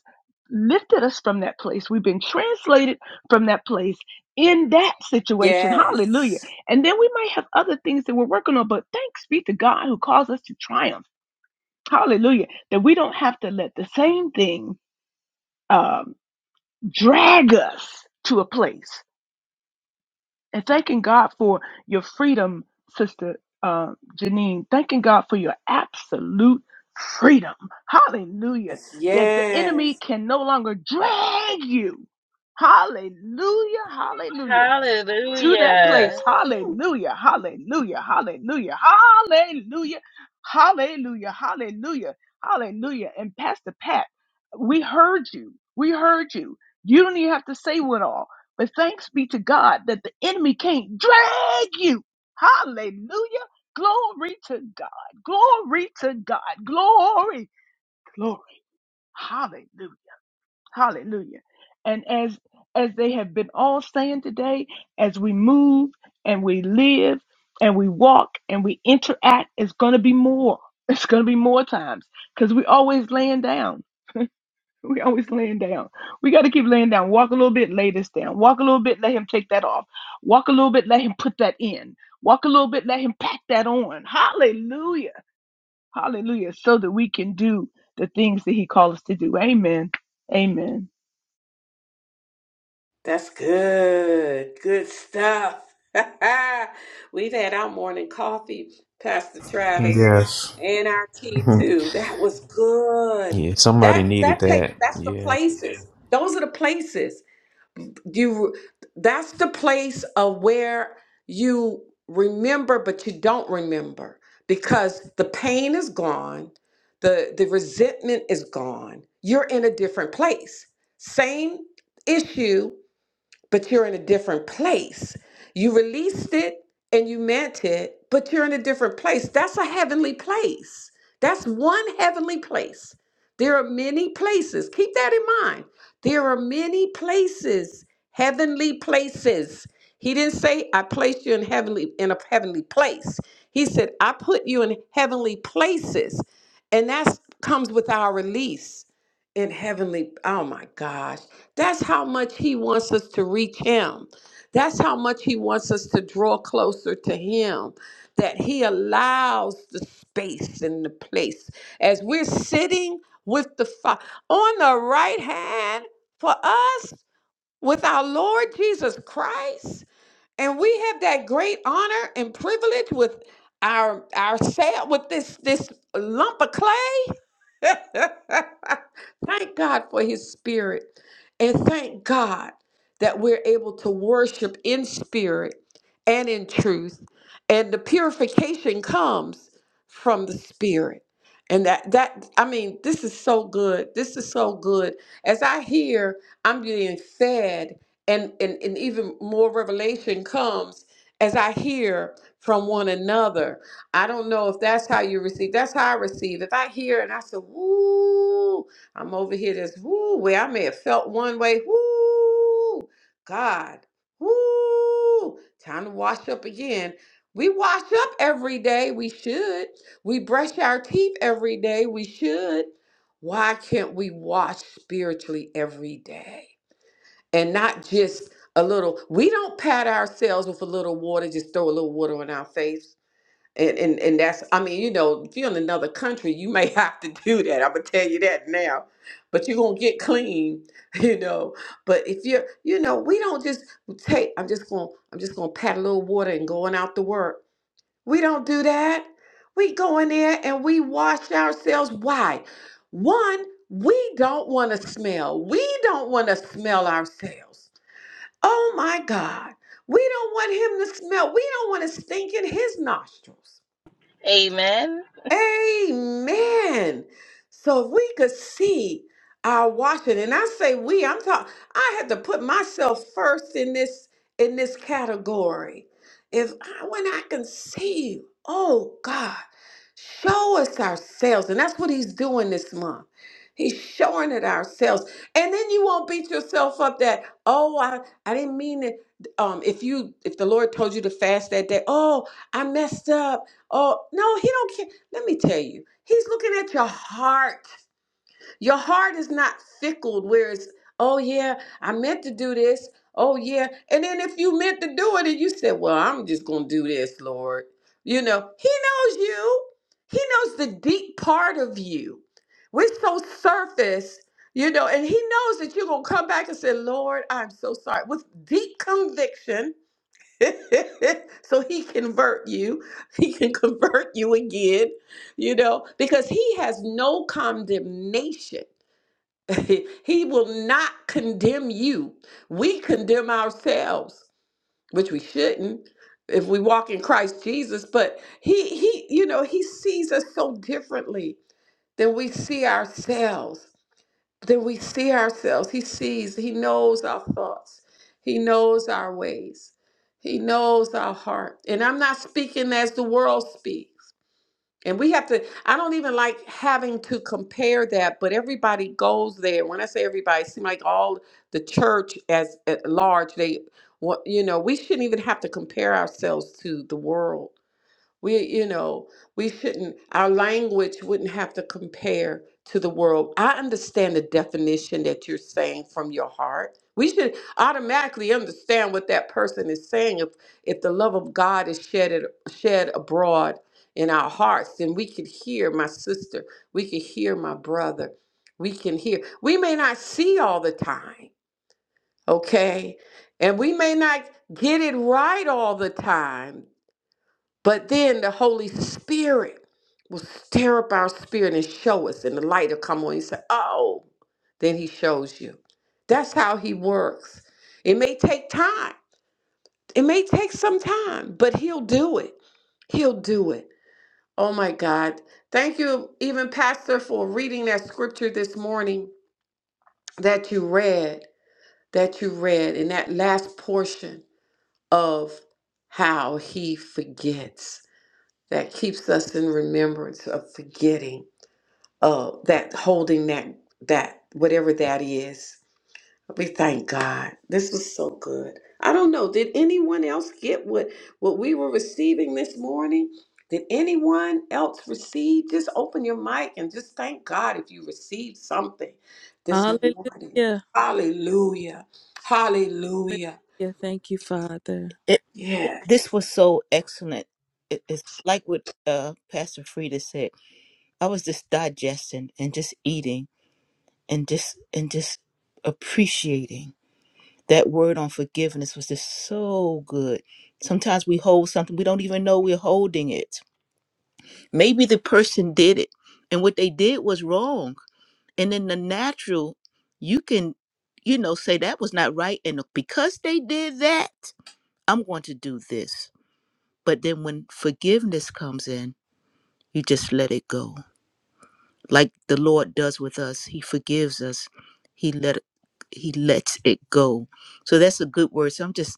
Speaker 9: lifted us from that place. We've been translated from that place in that situation. Hallelujah.
Speaker 2: Yes.
Speaker 9: And then we might have other things that we're working on, but thanks be to God who calls us to triumph. Hallelujah. That we don't have to let the same thing. Um, drag us to a place. And thanking God for your freedom, Sister uh, Janine. Thanking God for your absolute freedom. Hallelujah. That the enemy
Speaker 2: Yes.
Speaker 9: can no longer drag you. Hallelujah. Hallelujah to that place.
Speaker 7: Hallelujah.
Speaker 2: Yes.
Speaker 9: Hallelujah, hallelujah, hallelujah, hallelujah, hallelujah, hallelujah, hallelujah. And Pastor Pat, we heard you. We heard you. You don't even have to say what all. But thanks be to God that the enemy can't drag you. Hallelujah. Glory to God. Glory to God. Glory. Glory. Hallelujah. Hallelujah. And as as they have been all saying today, as we move and we live and we walk and we interact, it's gonna be more. It's gonna be more times. Cause we always laying down. We always laying down. We gotta keep laying down. Walk a little bit, lay this down. Walk a little bit, let him take that off. Walk a little bit, let him put that in. Walk a little bit, let him pack that on. Hallelujah. Hallelujah. So that we can do the things that he called us to do. Amen. Amen.
Speaker 2: That's good. Good stuff. We've had our morning coffee, Pastor Travis,
Speaker 4: Yes.
Speaker 2: and our tea too. That was good.
Speaker 4: Yeah, somebody
Speaker 2: That
Speaker 4: needed
Speaker 2: that takes
Speaker 4: that.
Speaker 2: that's the
Speaker 4: Yeah,
Speaker 2: places. Those are the places. You that's the place of where you remember but you don't remember because the pain is gone. The the resentment is gone. You're in a different place. Same issue but you're in a different place. You released it and you meant it, but you're in a different place. That's a heavenly place. That's one heavenly place. There are many places. Keep that in mind. There are many places, heavenly places. He didn't say I placed you in heavenly in a heavenly place. He said I put you in heavenly places. And that comes with our release in heavenly oh my gosh that's how much he wants us to reach him that's how much he wants us to draw closer to him that he allows the space and the place as we're sitting with the Fa- on the right hand for us with our lord jesus christ and we have that great honor and privilege with our our sa- with this this lump of clay thank God for his spirit. And thank God that we're able to worship in spirit and in truth. And the purification comes from the spirit. And that that I mean, this is so good. This is so good. As I hear, I'm being fed and, and, and even more revelation comes as I hear from one another I don't know if that's how you receive. That's how I receive. If I hear and I say, woo, I'm over here this woo way. I may have felt one way. Woo, God, woo, time to wash up again. We wash up every day. We should. We brush our teeth every day. We should. Why can't we wash spiritually every day? And not just a little. We don't pat ourselves with a little water, just throw a little water on our face and, and and that's I mean, you know, if you're in another country, you may have to do that. I'm gonna tell you that now. But you're gonna get clean, you know. But if you're you know, we don't just take I'm just gonna I'm just gonna pat a little water and going out to work. We don't do that. We go in there and we wash ourselves. Why? One, we don't wanna smell. We don't wanna smell ourselves. Oh my God. We don't want him to smell. We don't want to stink in his nostrils.
Speaker 7: Amen.
Speaker 2: Amen. So if we could see our washing, and I say we, I'm talking, I had to put myself first in this in this category. If I, when I can see, oh God. Show us ourselves. And that's what he's doing this month. He's showing it ourselves. And then you won't beat yourself up that, oh, I, I didn't mean it. Um, if you if the Lord told you to fast that day, oh, I messed up. Oh, no, he don't care. Let me tell you, he's looking at your heart. Your heart is not fickled where it's, oh yeah, I meant to do this. Oh yeah. And then if you meant to do it and you said, well, I'm just going to do this, Lord. You know, he knows you. He knows the deep part of you. We're so surface, you know, and he knows that you're going to come back and say, Lord, I'm so sorry with deep conviction. so he convert you. He can convert you again, you know, because he has no condemnation. he will not condemn you. We condemn ourselves, which we shouldn't if we walk in Christ Jesus, but he he you know, he sees us so differently than we see ourselves. Than we see ourselves. He sees, he knows our thoughts. He knows our ways. He knows our heart. And I'm not speaking as the world speaks. And we have to, I don't even like having to compare that, but everybody goes there. When I say everybody, it seems like all the church as at large, they, wa- you know, we shouldn't even have to compare ourselves to the world we, you know, we shouldn't, our language wouldn't have to compare to the world. I understand the definition that you're saying from your heart. We should automatically understand what that person is saying. If if the love of God is shed at- shed abroad in our hearts, then we could hear my sister, we could hear my brother, we can hear. We may not see all the time, okay? And we may not get it right all the time. But then the Holy Spirit will stir up our spirit and show us, and the light will come on. You say, Oh, then He shows you. That's how He works. It may take time, it may take some time, but He'll do it. He'll do it. Oh my God. Thank you, even Pastor, for reading that scripture this morning that you read, that you read in that last portion of how He forgets that keeps us in remembrance of forgetting uh that holding that that whatever that is we thank god this was so good i don't know did anyone else get what what we were receiving this morning did anyone else receive just open your mic and just thank god if you received something this morning
Speaker 10: Hallelujah.
Speaker 2: hallelujah hallelujah
Speaker 10: Hallelujah. Thank you, Father.
Speaker 3: it,
Speaker 2: yes
Speaker 3: this was so excellent. It- it's like what uh, Pastor Frida said. I was just digesting and just eating and just and just appreciating that word on forgiveness was just so good sometimes we hold something we don't even know we're holding it maybe the person did it and what they did was wrong and in the natural you can you know say that was not right and because they did that i'm going to do this but then when forgiveness comes in you just let it go like the Lord does with us. He forgives us. He let he lets it go. So that's a good word. So I'm just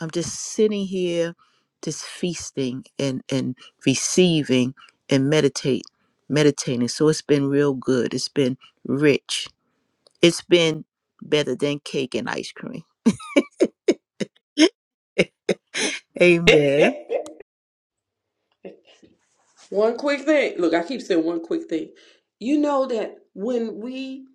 Speaker 3: I'm just sitting here just feasting and and receiving and meditate meditating. So it's been real good. It's been rich. It's been better than cake and ice cream. Amen.
Speaker 2: One quick thing. Look, I keep saying one quick thing. You know that when we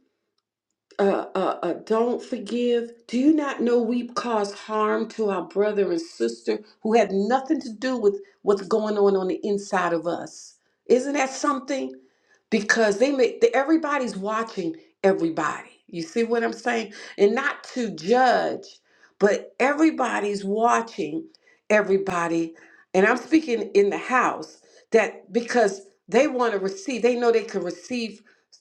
Speaker 2: uh, uh, uh, don't forgive? Do you not know we cause harm to our brother and sister who had nothing to do with what's going on on the inside of us? Isn't that something? Because they make the, everybody's watching everybody. You see what I'm saying? And not to judge, but everybody's watching everybody. And I'm speaking in the house that because they want to receive, they know they can receive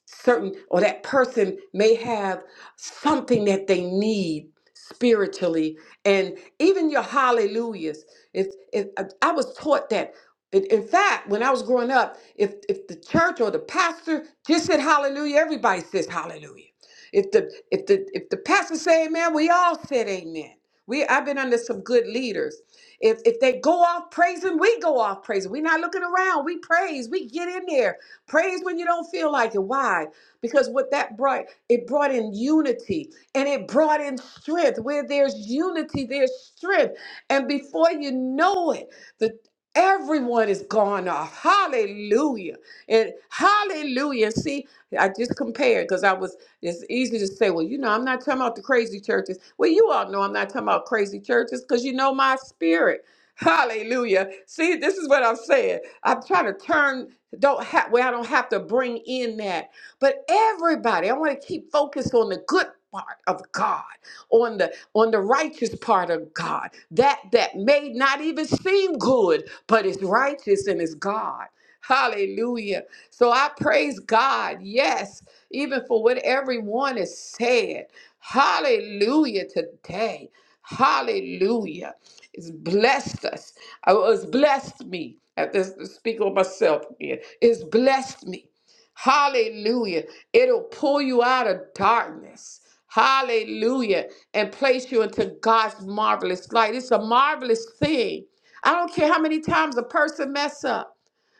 Speaker 2: certain or that person may have something that they need spiritually and even your hallelujahs if if i I was taught that in in fact when i was growing up if if the church or the pastor just said hallelujah everybody says hallelujah if the if the if the pastor say amen we all said amen we i've been under some good leaders if if they go off praising we go off praising we're not looking around we praise we get in there Praise when you don't feel like it. Why? Because what that brought, it brought in unity and it brought in strength. Where there's unity, there's strength. And before you know it, the everyone is gone off. Hallelujah. And hallelujah. See, I just compared because I was it's easy to say, well, you know, I'm not talking about the crazy churches. Well, you all know I'm not talking about crazy churches because you know my spirit. Hallelujah. See, this is what I'm saying. I'm trying to turn don't have where I don't have to bring in that. But everybody, I want to keep focused on the good part of God on the on the righteous part of God, that that may not even seem good, but is righteous and is God. Hallelujah. So I praise God, yes, even for what everyone has said. Hallelujah today. Hallelujah. It's blessed us. I was blessed me. At this speak on myself again. It's blessed me. Hallelujah. It'll pull you out of darkness. Hallelujah. And place you into God's marvelous light. It's a marvelous thing. I don't care how many times a person mess up.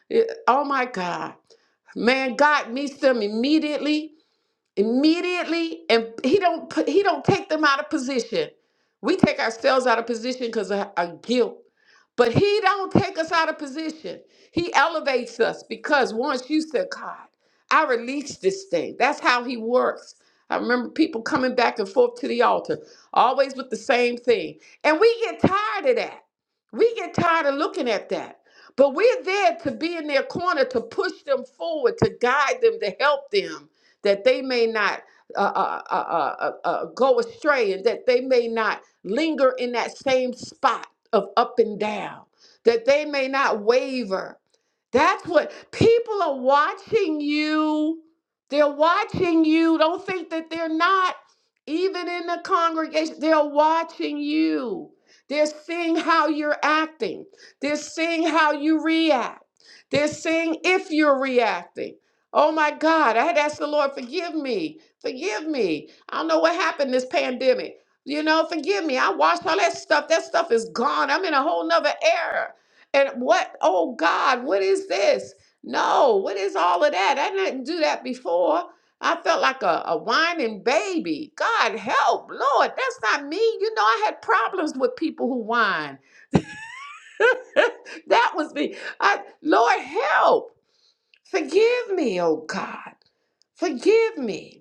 Speaker 2: It- oh my God. Man, God meets them immediately, immediately, and he don't put, he don't take them out of position. We take ourselves out of position because of our guilt but he don't take us out of position. He elevates us because once you said, God, I release this thing. That's how he works. I remember people coming back and forth to the altar, always with the same thing. And we get tired of that. We get tired of looking at that. But we're there to be in their corner, to push them forward, to guide them, to help them, that they may not uh, uh, uh, uh, uh, uh, go astray and that they may not linger in that same spot of up and down, that they may not waver. That's what people are watching you. They're watching you. Don't think that they're not, even in the congregation. They're watching you. They're seeing how you're acting. They're seeing how you react. They're seeing if you're reacting. Oh my God, I had asked the Lord, forgive me, forgive me. I don't know what happened this pandemic you know, forgive me. I watched all that stuff. That stuff is gone. I'm in a whole nother era. And what? Oh God, what is this? No, what is all of that? I didn't do that before. I felt like a, a whining baby. God help, Lord, that's not me. You know, I had problems with people who whine. that was me. I, Lord, help. Forgive me, oh God. Forgive me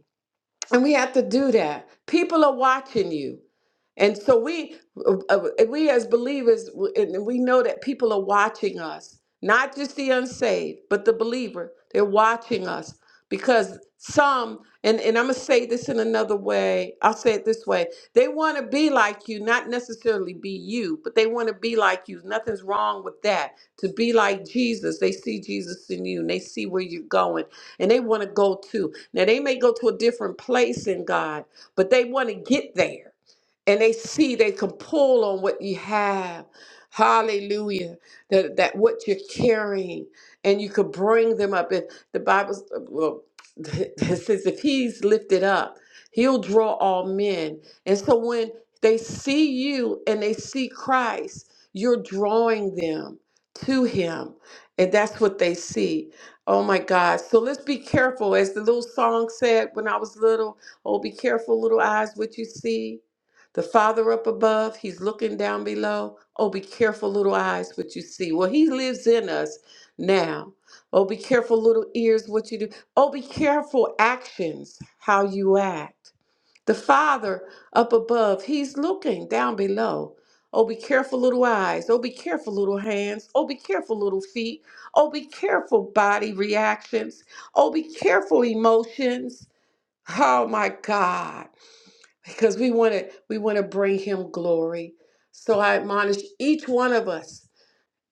Speaker 2: and we have to do that people are watching you and so we uh, uh, we as believers w- and we know that people are watching us not just the unsaved but the believer they're watching us because some and, and i'm going to say this in another way i'll say it this way they want to be like you not necessarily be you but they want to be like you nothing's wrong with that to be like jesus they see jesus in you and they see where you're going and they want to go too now they may go to a different place in God, but they want to get there. And they see they can pull on what you have. Hallelujah. That, that what you're carrying. And you could bring them up. If the Bible well, it says if he's lifted up, he'll draw all men. And so when they see you and they see Christ, you're drawing them to him. And that's what they see. Oh my God. So let's be careful. As the little song said when I was little, oh, be careful, little eyes, what you see. The Father up above, He's looking down below. Oh, be careful, little eyes, what you see. Well, He lives in us now. Oh, be careful, little ears, what you do. Oh, be careful, actions, how you act. The Father up above, He's looking down below. Oh, be careful, little eyes. Oh, be careful, little hands. Oh, be careful, little feet. Oh, be careful, body reactions. Oh, be careful, emotions. Oh my God, because we want to we want to bring Him glory. So I admonish each one of us: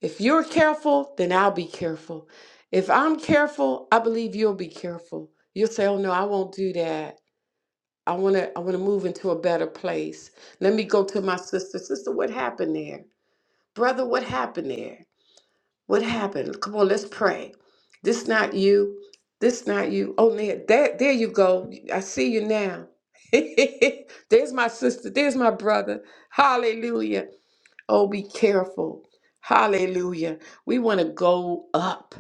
Speaker 2: if you're careful, then I'll be careful. If I'm careful, I believe you'll be careful. You'll say, "Oh no, I won't do that." I want to I want to move into a better place. Let me go to my sister. Sister, what happened there? Brother, what happened there? What happened? Come on, let's pray. This not you. This not you. Oh, there, there, there you go. I see you now. There's my sister. There's my brother. Hallelujah. Oh, be careful. Hallelujah. We want to go up.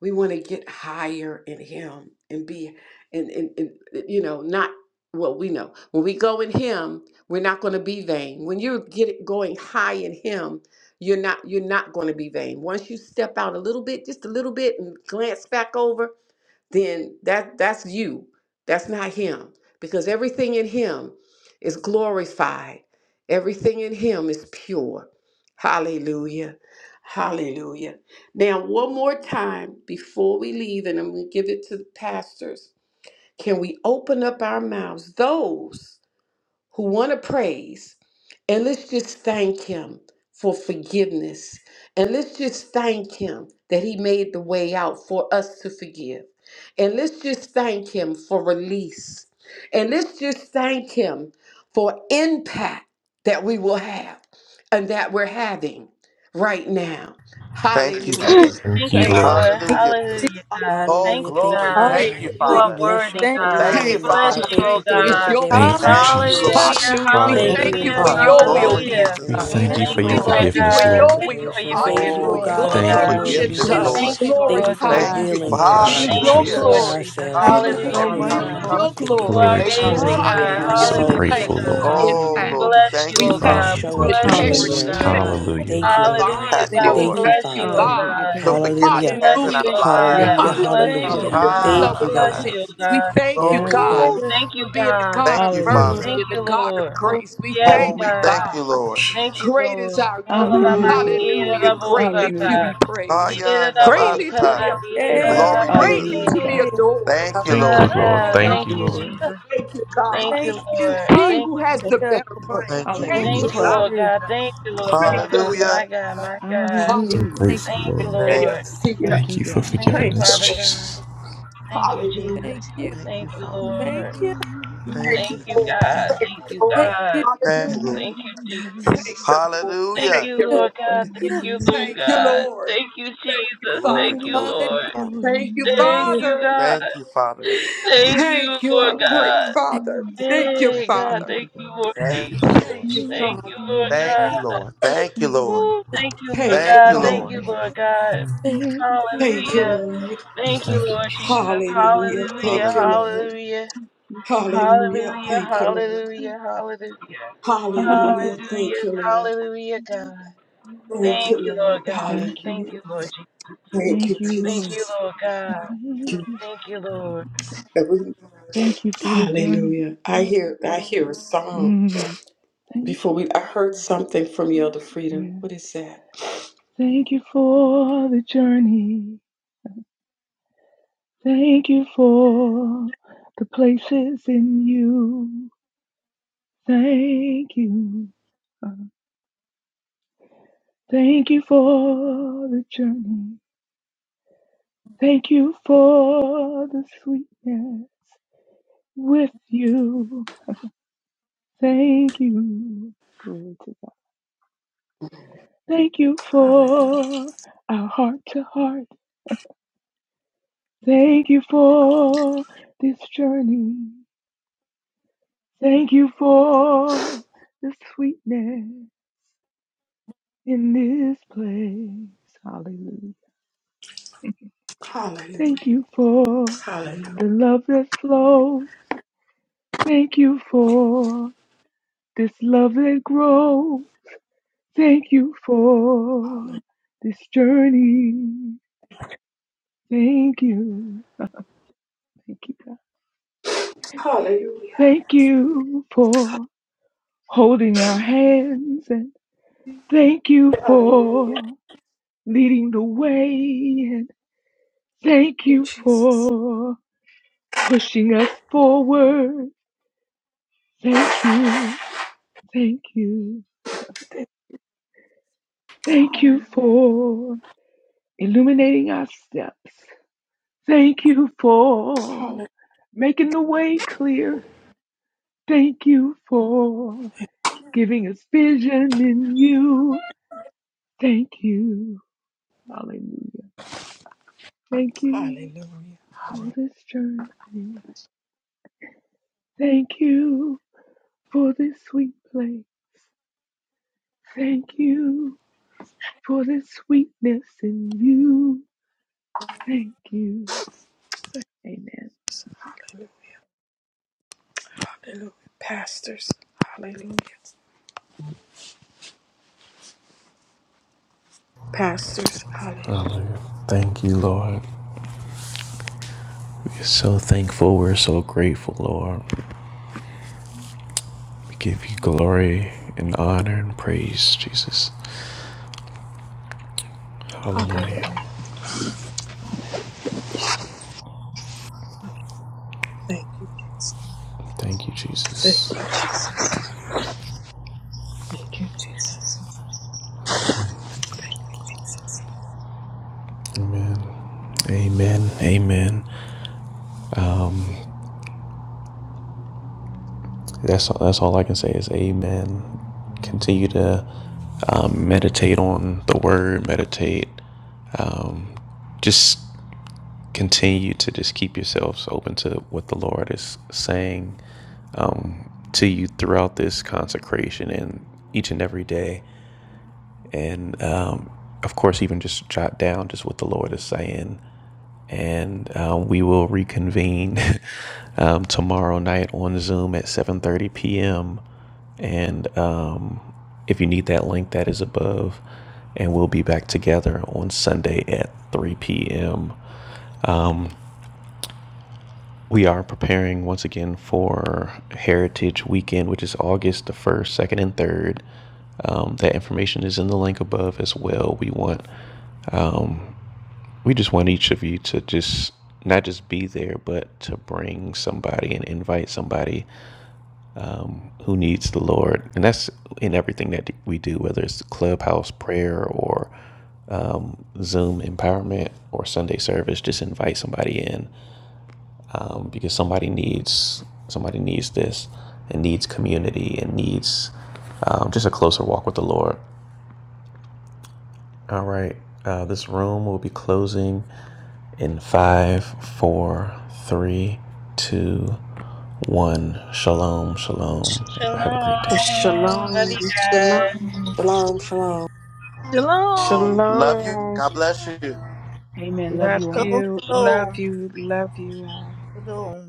Speaker 2: We want to get higher in him and be and, and, and you know, not what we know. When we go in him, we're not going to be vain. When you're get, going high in him, you're not you're not going to be vain. Once you step out a little bit, just a little bit and glance back over, then that that's you that's not him because everything in him is glorified everything in him is pure hallelujah hallelujah now one more time before we leave and i'm going to give it to the pastors can we open up our mouths those who want to praise. And let's just thank him for forgiveness. And let's just thank him that he made the way out for us to forgive. And let's just thank him for release. And let's just thank him for impact that we will have and that we're having right now.
Speaker 1: Thank you,
Speaker 2: Hallelujah.
Speaker 1: Jesus.
Speaker 4: thank
Speaker 7: Thank
Speaker 4: you,
Speaker 7: you,
Speaker 2: Thank
Speaker 4: Lord.
Speaker 7: Lord.
Speaker 10: Thank
Speaker 1: Hallelujah.
Speaker 10: you.
Speaker 7: Hallelujah,
Speaker 2: you.
Speaker 7: God.
Speaker 1: Oh,
Speaker 7: Thank you,
Speaker 5: Thank
Speaker 1: glory.
Speaker 5: you,
Speaker 7: God.
Speaker 10: Hallelujah.
Speaker 1: Thank
Speaker 2: Thank
Speaker 1: you,
Speaker 2: you,
Speaker 5: God.
Speaker 7: You
Speaker 2: Lord.
Speaker 5: We
Speaker 7: are
Speaker 1: Father.
Speaker 5: bless your
Speaker 7: worthy,
Speaker 10: Thank you.
Speaker 5: holy
Speaker 7: God.
Speaker 1: Thank you,
Speaker 7: We
Speaker 2: Thank
Speaker 5: name, oh
Speaker 2: you.
Speaker 7: bless
Speaker 2: We
Speaker 5: God.
Speaker 1: Father.
Speaker 10: God.
Speaker 7: you,
Speaker 5: Thank
Speaker 2: Thank
Speaker 7: oh
Speaker 5: you for
Speaker 2: you.
Speaker 5: your
Speaker 2: It's
Speaker 7: God.
Speaker 2: your will.
Speaker 4: Thank
Speaker 5: forgiveness,
Speaker 4: you,
Speaker 1: Thank
Speaker 5: God.
Speaker 1: you,
Speaker 10: Hallelujah.
Speaker 1: Lord.
Speaker 7: Hallelujah,
Speaker 4: Jesus.
Speaker 2: Hallelujah. We
Speaker 3: Thank
Speaker 5: Thank
Speaker 2: thank
Speaker 10: Thank you,
Speaker 5: you,
Speaker 4: Hallelujah,
Speaker 2: you
Speaker 5: oh
Speaker 3: you,
Speaker 7: hallelujah,
Speaker 2: for
Speaker 3: Father.
Speaker 4: Lord.
Speaker 5: God,
Speaker 2: your
Speaker 5: for
Speaker 10: God.
Speaker 5: the
Speaker 2: will
Speaker 3: Father,
Speaker 1: Glory,
Speaker 2: being
Speaker 5: impact
Speaker 7: hallelujah.
Speaker 5: that
Speaker 1: Jesus.
Speaker 4: We
Speaker 5: we
Speaker 1: We
Speaker 2: done.
Speaker 5: will
Speaker 3: thank
Speaker 4: thank
Speaker 10: Thank
Speaker 4: you
Speaker 1: thank
Speaker 3: you,
Speaker 5: have,
Speaker 4: for
Speaker 1: you,
Speaker 7: Thank
Speaker 5: oh
Speaker 2: We
Speaker 4: your
Speaker 10: you.
Speaker 7: you,
Speaker 1: Lord.
Speaker 5: God,
Speaker 7: Lord
Speaker 3: Lord.
Speaker 2: thank
Speaker 5: after
Speaker 2: you for
Speaker 5: this
Speaker 4: forgiveness,
Speaker 10: Thank
Speaker 7: God.
Speaker 4: Lord.
Speaker 2: your
Speaker 10: you.
Speaker 7: Thank you
Speaker 2: will.
Speaker 7: for your
Speaker 5: consecration.
Speaker 3: Thank
Speaker 5: Thank
Speaker 3: you,
Speaker 5: you,
Speaker 7: forgiveness,
Speaker 5: oh
Speaker 1: Oh,
Speaker 7: oh,
Speaker 3: Lord.
Speaker 2: Hallelujah.
Speaker 5: God,
Speaker 1: for
Speaker 7: Lord
Speaker 5: that
Speaker 1: your
Speaker 5: your
Speaker 10: Glory.
Speaker 4: Thank you,
Speaker 7: God.
Speaker 5: will
Speaker 3: Hallelujah.
Speaker 5: will
Speaker 2: Being
Speaker 5: be
Speaker 1: forgiveness,
Speaker 10: Hallelujah.
Speaker 2: done.
Speaker 5: done.
Speaker 2: We
Speaker 1: Lord.
Speaker 7: Thank you,
Speaker 4: Jesus.
Speaker 7: oh,
Speaker 5: Thank you
Speaker 3: Thank
Speaker 7: Lord
Speaker 5: for
Speaker 3: you
Speaker 2: glorify
Speaker 1: Thank
Speaker 7: God.
Speaker 3: so
Speaker 1: you.
Speaker 2: you.
Speaker 3: much,
Speaker 5: revealing,
Speaker 1: For,
Speaker 4: We
Speaker 5: oh
Speaker 2: It
Speaker 3: God.
Speaker 4: bless
Speaker 5: God,
Speaker 2: is
Speaker 4: you,
Speaker 5: the
Speaker 7: Thank
Speaker 2: your
Speaker 7: you,
Speaker 5: truths
Speaker 1: hallelujah.
Speaker 7: Lord
Speaker 5: about
Speaker 4: Jesus.
Speaker 2: glory.
Speaker 7: Jesus.
Speaker 5: ourselves,
Speaker 3: Thank
Speaker 2: It
Speaker 5: oh
Speaker 2: is
Speaker 1: Hallelujah.
Speaker 10: Thank
Speaker 3: you
Speaker 1: That
Speaker 2: your
Speaker 5: God,
Speaker 3: so
Speaker 7: Hallelujah,
Speaker 1: every
Speaker 5: and
Speaker 3: much,
Speaker 10: you.
Speaker 5: for
Speaker 1: time
Speaker 2: will
Speaker 1: we
Speaker 9: Hallelujah.
Speaker 2: and
Speaker 7: God.
Speaker 1: come
Speaker 3: Lord.
Speaker 2: your
Speaker 1: to you,
Speaker 5: removing
Speaker 1: Lord,
Speaker 7: You
Speaker 5: and
Speaker 7: are
Speaker 4: Glory
Speaker 1: you're
Speaker 2: glory.
Speaker 4: to your
Speaker 1: faithful to
Speaker 7: amazing,
Speaker 4: name.
Speaker 9: Hallelujah.
Speaker 7: God.
Speaker 5: consecrating
Speaker 1: forgive.
Speaker 4: We're
Speaker 5: our
Speaker 2: Hallelujah.
Speaker 4: so
Speaker 10: Hallelujah.
Speaker 2: We
Speaker 10: Thank
Speaker 9: Hallelujah.
Speaker 5: souls,
Speaker 7: Hallelujah,
Speaker 2: thank
Speaker 5: oh
Speaker 4: grateful,
Speaker 10: you,
Speaker 2: you
Speaker 10: Lord
Speaker 2: for
Speaker 5: God.
Speaker 7: God.
Speaker 4: Lord.
Speaker 2: end
Speaker 1: Oh,
Speaker 7: We
Speaker 2: time.
Speaker 1: Lord.
Speaker 9: Hallelujah.
Speaker 1: We
Speaker 7: bless
Speaker 1: thank
Speaker 7: you,
Speaker 5: that
Speaker 2: We
Speaker 1: you,
Speaker 7: oh
Speaker 5: we may
Speaker 2: thank
Speaker 4: Oh,
Speaker 7: God.
Speaker 2: you
Speaker 1: Father.
Speaker 4: we
Speaker 5: show
Speaker 2: for
Speaker 7: We
Speaker 4: thank
Speaker 5: up
Speaker 4: you,
Speaker 5: for
Speaker 7: bless
Speaker 10: Jesus.
Speaker 5: you
Speaker 7: you,
Speaker 5: in the
Speaker 7: oh
Speaker 2: integrity.
Speaker 4: Jesus.
Speaker 9: Hallelujah.
Speaker 2: We
Speaker 5: earth, oh
Speaker 2: thank
Speaker 10: Thank you.
Speaker 2: you,
Speaker 7: God.
Speaker 5: God.
Speaker 9: Hallelujah.
Speaker 4: Hallelujah.
Speaker 5: Thank
Speaker 2: Father,
Speaker 5: you, oh
Speaker 2: for
Speaker 5: God.
Speaker 7: Hallelujah,
Speaker 1: Thank
Speaker 10: Thank
Speaker 2: honesty.
Speaker 7: God. We
Speaker 2: We
Speaker 1: Lord.
Speaker 5: Thank you,
Speaker 10: you.
Speaker 2: thank
Speaker 7: bless
Speaker 2: you,
Speaker 7: you, oh
Speaker 5: Father.
Speaker 2: God.
Speaker 9: Hallelujah,
Speaker 7: God.
Speaker 1: Your
Speaker 9: God.
Speaker 7: We
Speaker 1: forgiveness
Speaker 5: Hallelujah.
Speaker 10: Thank
Speaker 7: bless
Speaker 1: has
Speaker 10: you.
Speaker 1: in
Speaker 2: Hallelujah.
Speaker 7: you,
Speaker 1: our
Speaker 10: Thank
Speaker 7: oh
Speaker 10: you. Thank you.
Speaker 4: Thank
Speaker 9: Yes,
Speaker 7: God.
Speaker 5: Hallelujah.
Speaker 7: We
Speaker 1: lives.
Speaker 4: you,
Speaker 9: Lord.
Speaker 7: bless you,
Speaker 10: Thank
Speaker 2: Hallelujah.
Speaker 7: oh
Speaker 5: Hallelujah.
Speaker 4: Jesus.
Speaker 10: you. Thank thank you.
Speaker 2: We'll
Speaker 9: Hallelujah.
Speaker 7: God.
Speaker 4: Hallelujah.
Speaker 2: flow
Speaker 5: Thank
Speaker 7: We
Speaker 2: in
Speaker 5: you,
Speaker 1: Ah,
Speaker 7: bless
Speaker 2: those
Speaker 1: my
Speaker 5: God.
Speaker 2: areas.
Speaker 7: you, oh
Speaker 2: We
Speaker 7: God.
Speaker 2: thank you,
Speaker 5: Thank
Speaker 9: Yes,
Speaker 1: glory,
Speaker 5: you,
Speaker 2: God,
Speaker 5: God.
Speaker 3: Thank
Speaker 7: Ooh,
Speaker 1: Jesus.
Speaker 9: Lord.
Speaker 10: Yes,
Speaker 7: thank
Speaker 2: for
Speaker 7: you,
Speaker 2: being the
Speaker 7: God.
Speaker 2: God
Speaker 1: Thank
Speaker 2: of
Speaker 1: you,
Speaker 10: you,
Speaker 4: Mm.
Speaker 9: Hallelujah.
Speaker 1: Father.
Speaker 10: Lord.
Speaker 2: mercy
Speaker 7: Thank
Speaker 2: and the
Speaker 7: you,
Speaker 2: God of
Speaker 7: Lord.
Speaker 10: Uh,
Speaker 3: you,
Speaker 2: grace. We
Speaker 3: Lord.
Speaker 7: Yes,
Speaker 2: thank
Speaker 1: Oh, we
Speaker 2: you,
Speaker 7: God.
Speaker 1: thank
Speaker 2: God.
Speaker 1: you, Lord.
Speaker 7: Thank you,
Speaker 2: Great
Speaker 7: Lord.
Speaker 2: is our
Speaker 7: All of our
Speaker 2: God.
Speaker 9: hallelujah.
Speaker 7: mascara,
Speaker 2: Hallelujah.
Speaker 7: the
Speaker 1: Woo.
Speaker 7: most
Speaker 2: Greatly
Speaker 7: God.
Speaker 2: to
Speaker 9: Hallelujah.
Speaker 2: be praised,
Speaker 7: Yeah,
Speaker 1: Aya
Speaker 7: the most,
Speaker 2: greatly to
Speaker 7: color
Speaker 1: namasha.
Speaker 2: be
Speaker 7: that be, yeah,
Speaker 2: honored,
Speaker 9: Yes.
Speaker 7: the
Speaker 1: Glory,
Speaker 10: Hey.
Speaker 2: greatly
Speaker 1: Jesus.
Speaker 7: most,
Speaker 9: Hallelujah,
Speaker 2: to be
Speaker 9: God.
Speaker 10: hey.
Speaker 2: adored.
Speaker 1: Thank you,
Speaker 4: Thank you,
Speaker 7: God,
Speaker 1: Lord.
Speaker 2: Thank
Speaker 4: Lord.
Speaker 2: you,
Speaker 7: God,
Speaker 10: Hallelujah.
Speaker 2: God.
Speaker 4: Thank
Speaker 9: Thank
Speaker 7: thank
Speaker 4: you,
Speaker 9: you,
Speaker 7: you,
Speaker 4: Lord.
Speaker 9: Lord.
Speaker 7: Jesus.
Speaker 2: Thank you,
Speaker 1: Thank
Speaker 2: God.
Speaker 7: Thank
Speaker 1: you,
Speaker 10: Thank
Speaker 7: you,
Speaker 10: you.
Speaker 7: Lord.
Speaker 1: Jesus.
Speaker 2: He
Speaker 7: Thank
Speaker 10: Hallelujah.
Speaker 2: who has
Speaker 3: Thank
Speaker 7: you.
Speaker 2: the
Speaker 9: Spirit.
Speaker 2: better
Speaker 3: you, Lord.
Speaker 2: plan.
Speaker 1: Thank you,
Speaker 2: Thank
Speaker 3: Thank
Speaker 2: you,
Speaker 3: you,
Speaker 9: Hallelujah.
Speaker 7: Thank
Speaker 4: Mm.
Speaker 7: you,
Speaker 1: Jesus.
Speaker 2: God.
Speaker 3: Father.
Speaker 7: Lord
Speaker 10: Glory.
Speaker 7: God. Thank you, Lord
Speaker 4: Oh,
Speaker 2: Thank you,
Speaker 7: God.
Speaker 1: Hallelujah.
Speaker 7: My
Speaker 2: Lord.
Speaker 7: God, my God.
Speaker 4: so
Speaker 2: Hallelujah.
Speaker 9: Hallelujah.
Speaker 10: Thank
Speaker 4: grateful,
Speaker 10: you.
Speaker 7: Thank you,
Speaker 3: Thank
Speaker 4: Lord.
Speaker 1: Thank, you.
Speaker 7: Lord.
Speaker 9: Thank
Speaker 4: Thank
Speaker 9: you,
Speaker 4: you for
Speaker 9: God.
Speaker 7: Thank
Speaker 10: Thank
Speaker 7: you,
Speaker 4: forgiving
Speaker 2: Thank
Speaker 4: us,
Speaker 2: you,
Speaker 7: Father
Speaker 2: Lord.
Speaker 7: God.
Speaker 4: Jesus.
Speaker 7: Thank you,
Speaker 2: Hallelujah.
Speaker 10: Thank
Speaker 7: Jesus.
Speaker 10: you.
Speaker 1: thank you,
Speaker 7: Thank you,
Speaker 1: Father.
Speaker 9: Someday
Speaker 7: Lord.
Speaker 10: Thank you.
Speaker 9: I
Speaker 3: you.
Speaker 1: Thank
Speaker 2: Thank
Speaker 9: will
Speaker 2: you,
Speaker 7: Thank
Speaker 1: you,
Speaker 7: you,
Speaker 1: Jesus.
Speaker 2: Lord.
Speaker 7: God.
Speaker 9: Say,
Speaker 2: Thank you,
Speaker 7: Thank you,
Speaker 10: Thank you.
Speaker 7: God.
Speaker 2: Lord.
Speaker 1: Thank
Speaker 9: yeah,
Speaker 1: you.
Speaker 2: Hallelujah.
Speaker 1: Lord.
Speaker 7: Thank you,
Speaker 9: Monday,
Speaker 2: Thank
Speaker 7: Jesus.
Speaker 2: you, Lord.
Speaker 10: Thank
Speaker 7: Thank
Speaker 2: Thank
Speaker 1: Hallelujah.
Speaker 7: you,
Speaker 2: you,
Speaker 10: you.
Speaker 7: Lord
Speaker 9: and
Speaker 7: God.
Speaker 2: Lord.
Speaker 7: Thank
Speaker 10: Yeah.
Speaker 7: you,
Speaker 9: Monday
Speaker 7: Lord
Speaker 2: Thank you,
Speaker 7: God.
Speaker 9: also,
Speaker 2: Lord.
Speaker 7: Thank you,
Speaker 2: Thank you,
Speaker 7: Jesus. Thank
Speaker 1: Glory,
Speaker 2: Father.
Speaker 7: you,
Speaker 9: Monday
Speaker 1: glory,
Speaker 10: Hallelujah.
Speaker 7: Lord.
Speaker 1: glory.
Speaker 2: Thank you,
Speaker 7: Thank
Speaker 9: also,
Speaker 7: you,
Speaker 2: Father.
Speaker 7: God.
Speaker 1: Thank you, Father.
Speaker 7: Thank
Speaker 9: Make
Speaker 7: you,
Speaker 2: Thank you,
Speaker 9: a
Speaker 2: our
Speaker 7: Lord
Speaker 2: great
Speaker 7: God.
Speaker 10: Thank
Speaker 2: Father.
Speaker 9: fortune.
Speaker 10: you.
Speaker 2: Thank you,
Speaker 7: Hey, God.
Speaker 9: Thank
Speaker 2: Father.
Speaker 7: Thank
Speaker 9: you,
Speaker 7: you,
Speaker 9: God.
Speaker 7: Lord
Speaker 1: Thank
Speaker 7: Jesus.
Speaker 1: you, Lord.
Speaker 2: Thank you,
Speaker 9: Make
Speaker 7: Thank
Speaker 9: your
Speaker 2: Father.
Speaker 7: you, Lord
Speaker 9: fortune.
Speaker 1: Thank you,
Speaker 10: Thank
Speaker 7: God.
Speaker 1: Lord.
Speaker 10: you.
Speaker 1: Thank you, Lord.
Speaker 7: Ooh,
Speaker 10: Thank
Speaker 7: thank you,
Speaker 10: you.
Speaker 7: Lord
Speaker 2: Thank you,
Speaker 1: Thank
Speaker 7: God.
Speaker 1: you,
Speaker 2: Father.
Speaker 7: Thank
Speaker 1: Lord.
Speaker 7: you, Lord God.
Speaker 10: Thank you.
Speaker 9: Make your
Speaker 2: Thank you,
Speaker 9: fortune.
Speaker 7: Hallelujah.
Speaker 1: Hallelujah.
Speaker 2: Lord.
Speaker 4: We
Speaker 7: Thank you,
Speaker 4: thank you,
Speaker 7: Lord
Speaker 1: Thank
Speaker 4: Jesus.
Speaker 7: Jesus.
Speaker 1: you,
Speaker 2: Hallelujah.
Speaker 7: Hallelujah.
Speaker 2: Thank you,
Speaker 1: Hallelujah.
Speaker 2: Lord.
Speaker 7: Hallelujah.
Speaker 9: Thank you
Speaker 2: Hallelujah.
Speaker 7: Hallelujah.
Speaker 1: God.
Speaker 2: Thank you, Lord.
Speaker 7: Hallelujah. Hallelujah.
Speaker 9: for
Speaker 2: Hallelujah. Thank
Speaker 7: Hallelujah.
Speaker 2: you, Lord.
Speaker 7: Hallelujah, God.
Speaker 2: Thank
Speaker 7: Thank
Speaker 2: you,
Speaker 7: you,
Speaker 2: Lord.
Speaker 7: Lord God.
Speaker 2: Hallelujah.
Speaker 9: Make your Thank you.
Speaker 7: Thank you, Lord Jesus.
Speaker 2: Thank
Speaker 9: Thank
Speaker 2: you,
Speaker 7: Thank
Speaker 9: you.
Speaker 7: you,
Speaker 2: Jesus.
Speaker 7: Lord God.
Speaker 9: Thank
Speaker 2: Thank
Speaker 9: you.
Speaker 7: Thank you, Lord.
Speaker 2: you.
Speaker 9: Thank you for the journey.
Speaker 2: Hallelujah. I hear I hear a song.
Speaker 9: Mm. Thank
Speaker 2: Before
Speaker 9: you.
Speaker 2: we I heard something from Elder Frida.
Speaker 9: Yeah.
Speaker 2: What is that?
Speaker 9: Thank you for the journey. Thank you for the places in you. Thank you. Father. Thank you for the journey. Thank you for the sweetness with you. Thank you. Glory to God. Thank you
Speaker 2: Hallelujah.
Speaker 9: for our heart to heart. Thank you for this journey. Thank you for the sweetness in this place. Hallelujah.
Speaker 2: Hallelujah.
Speaker 9: Thank you for
Speaker 2: Hallelujah.
Speaker 9: the love that flows. Thank you for this love that grows. Thank you for this journey. Thank you. Thank you, God.
Speaker 2: Hallelujah.
Speaker 9: Thank you for holding our hands and thank you
Speaker 2: Hallelujah. Thank
Speaker 9: for leading the way and thank
Speaker 2: you,
Speaker 9: you
Speaker 2: Jesus.
Speaker 9: for pushing us forward. Thank you. Thank you. Thank you
Speaker 2: Hallelujah.
Speaker 9: for illuminating our steps. Thank you for
Speaker 2: Hallelujah.
Speaker 9: making the way clear. Thank you for giving us vision in you. Thank you. Hallelujah. Thank you
Speaker 2: Hallelujah.
Speaker 9: for this journey. Thank you for this sweet place. Thank you for this sweetness in you. Thank you. Amen.
Speaker 2: Hallelujah. Hallelujah. Pastors. Hallelujah. Pastors. Hallelujah.
Speaker 4: Hallelujah. Thank you, Lord. We're so thankful. We're so grateful, Lord. We give you glory and honor and praise, Jesus. Hallelujah.
Speaker 2: Hallelujah. Thank you, Jesus.
Speaker 4: Thank you,
Speaker 2: Thank
Speaker 4: Jesus.
Speaker 2: you. Thank you, Jesus.
Speaker 4: Amen. Amen. Amen. Um, that's that's all I can say is amen. Continue to um, meditate on the word. Meditate. Just continue to just keep yourselves open to what the Lord is saying to you throughout this consecration and each and every day. and um, of course even just jot down just what the lord is saying and um, we will reconvene um, tomorrow night on zoom at 7.30 p.m and um, if you need that link that is above and we'll be back together on sunday at 3 p.m we are preparing once again for heritage weekend which is august the 1st 2nd and 3rd um, that information is in the link above as well. We want We just want each of you to just not just be there, but to bring somebody and invite somebody who needs the Lord. And that's in everything that we do, whether it's the clubhouse prayer or um, Zoom empowerment or Sunday service. Just invite somebody in um, because somebody needs somebody needs this and needs community and needs um, just a closer walk with the Lord. All right, uh, this room will be closing In five, four, three, two, one. Shalom, shalom. Have a
Speaker 7: Shalom.
Speaker 4: great day.
Speaker 7: Love
Speaker 2: Shalom.
Speaker 7: you guys.
Speaker 2: Shalom.
Speaker 5: Shalom, shalom.
Speaker 10: Shalom.
Speaker 1: Um, love you.
Speaker 2: Shalom.
Speaker 1: God bless
Speaker 9: Amen. Love
Speaker 2: Love
Speaker 9: you all.
Speaker 3: Shalom,
Speaker 2: you,
Speaker 1: you.
Speaker 2: love
Speaker 3: shalom,
Speaker 2: you, love you all.
Speaker 3: shalom.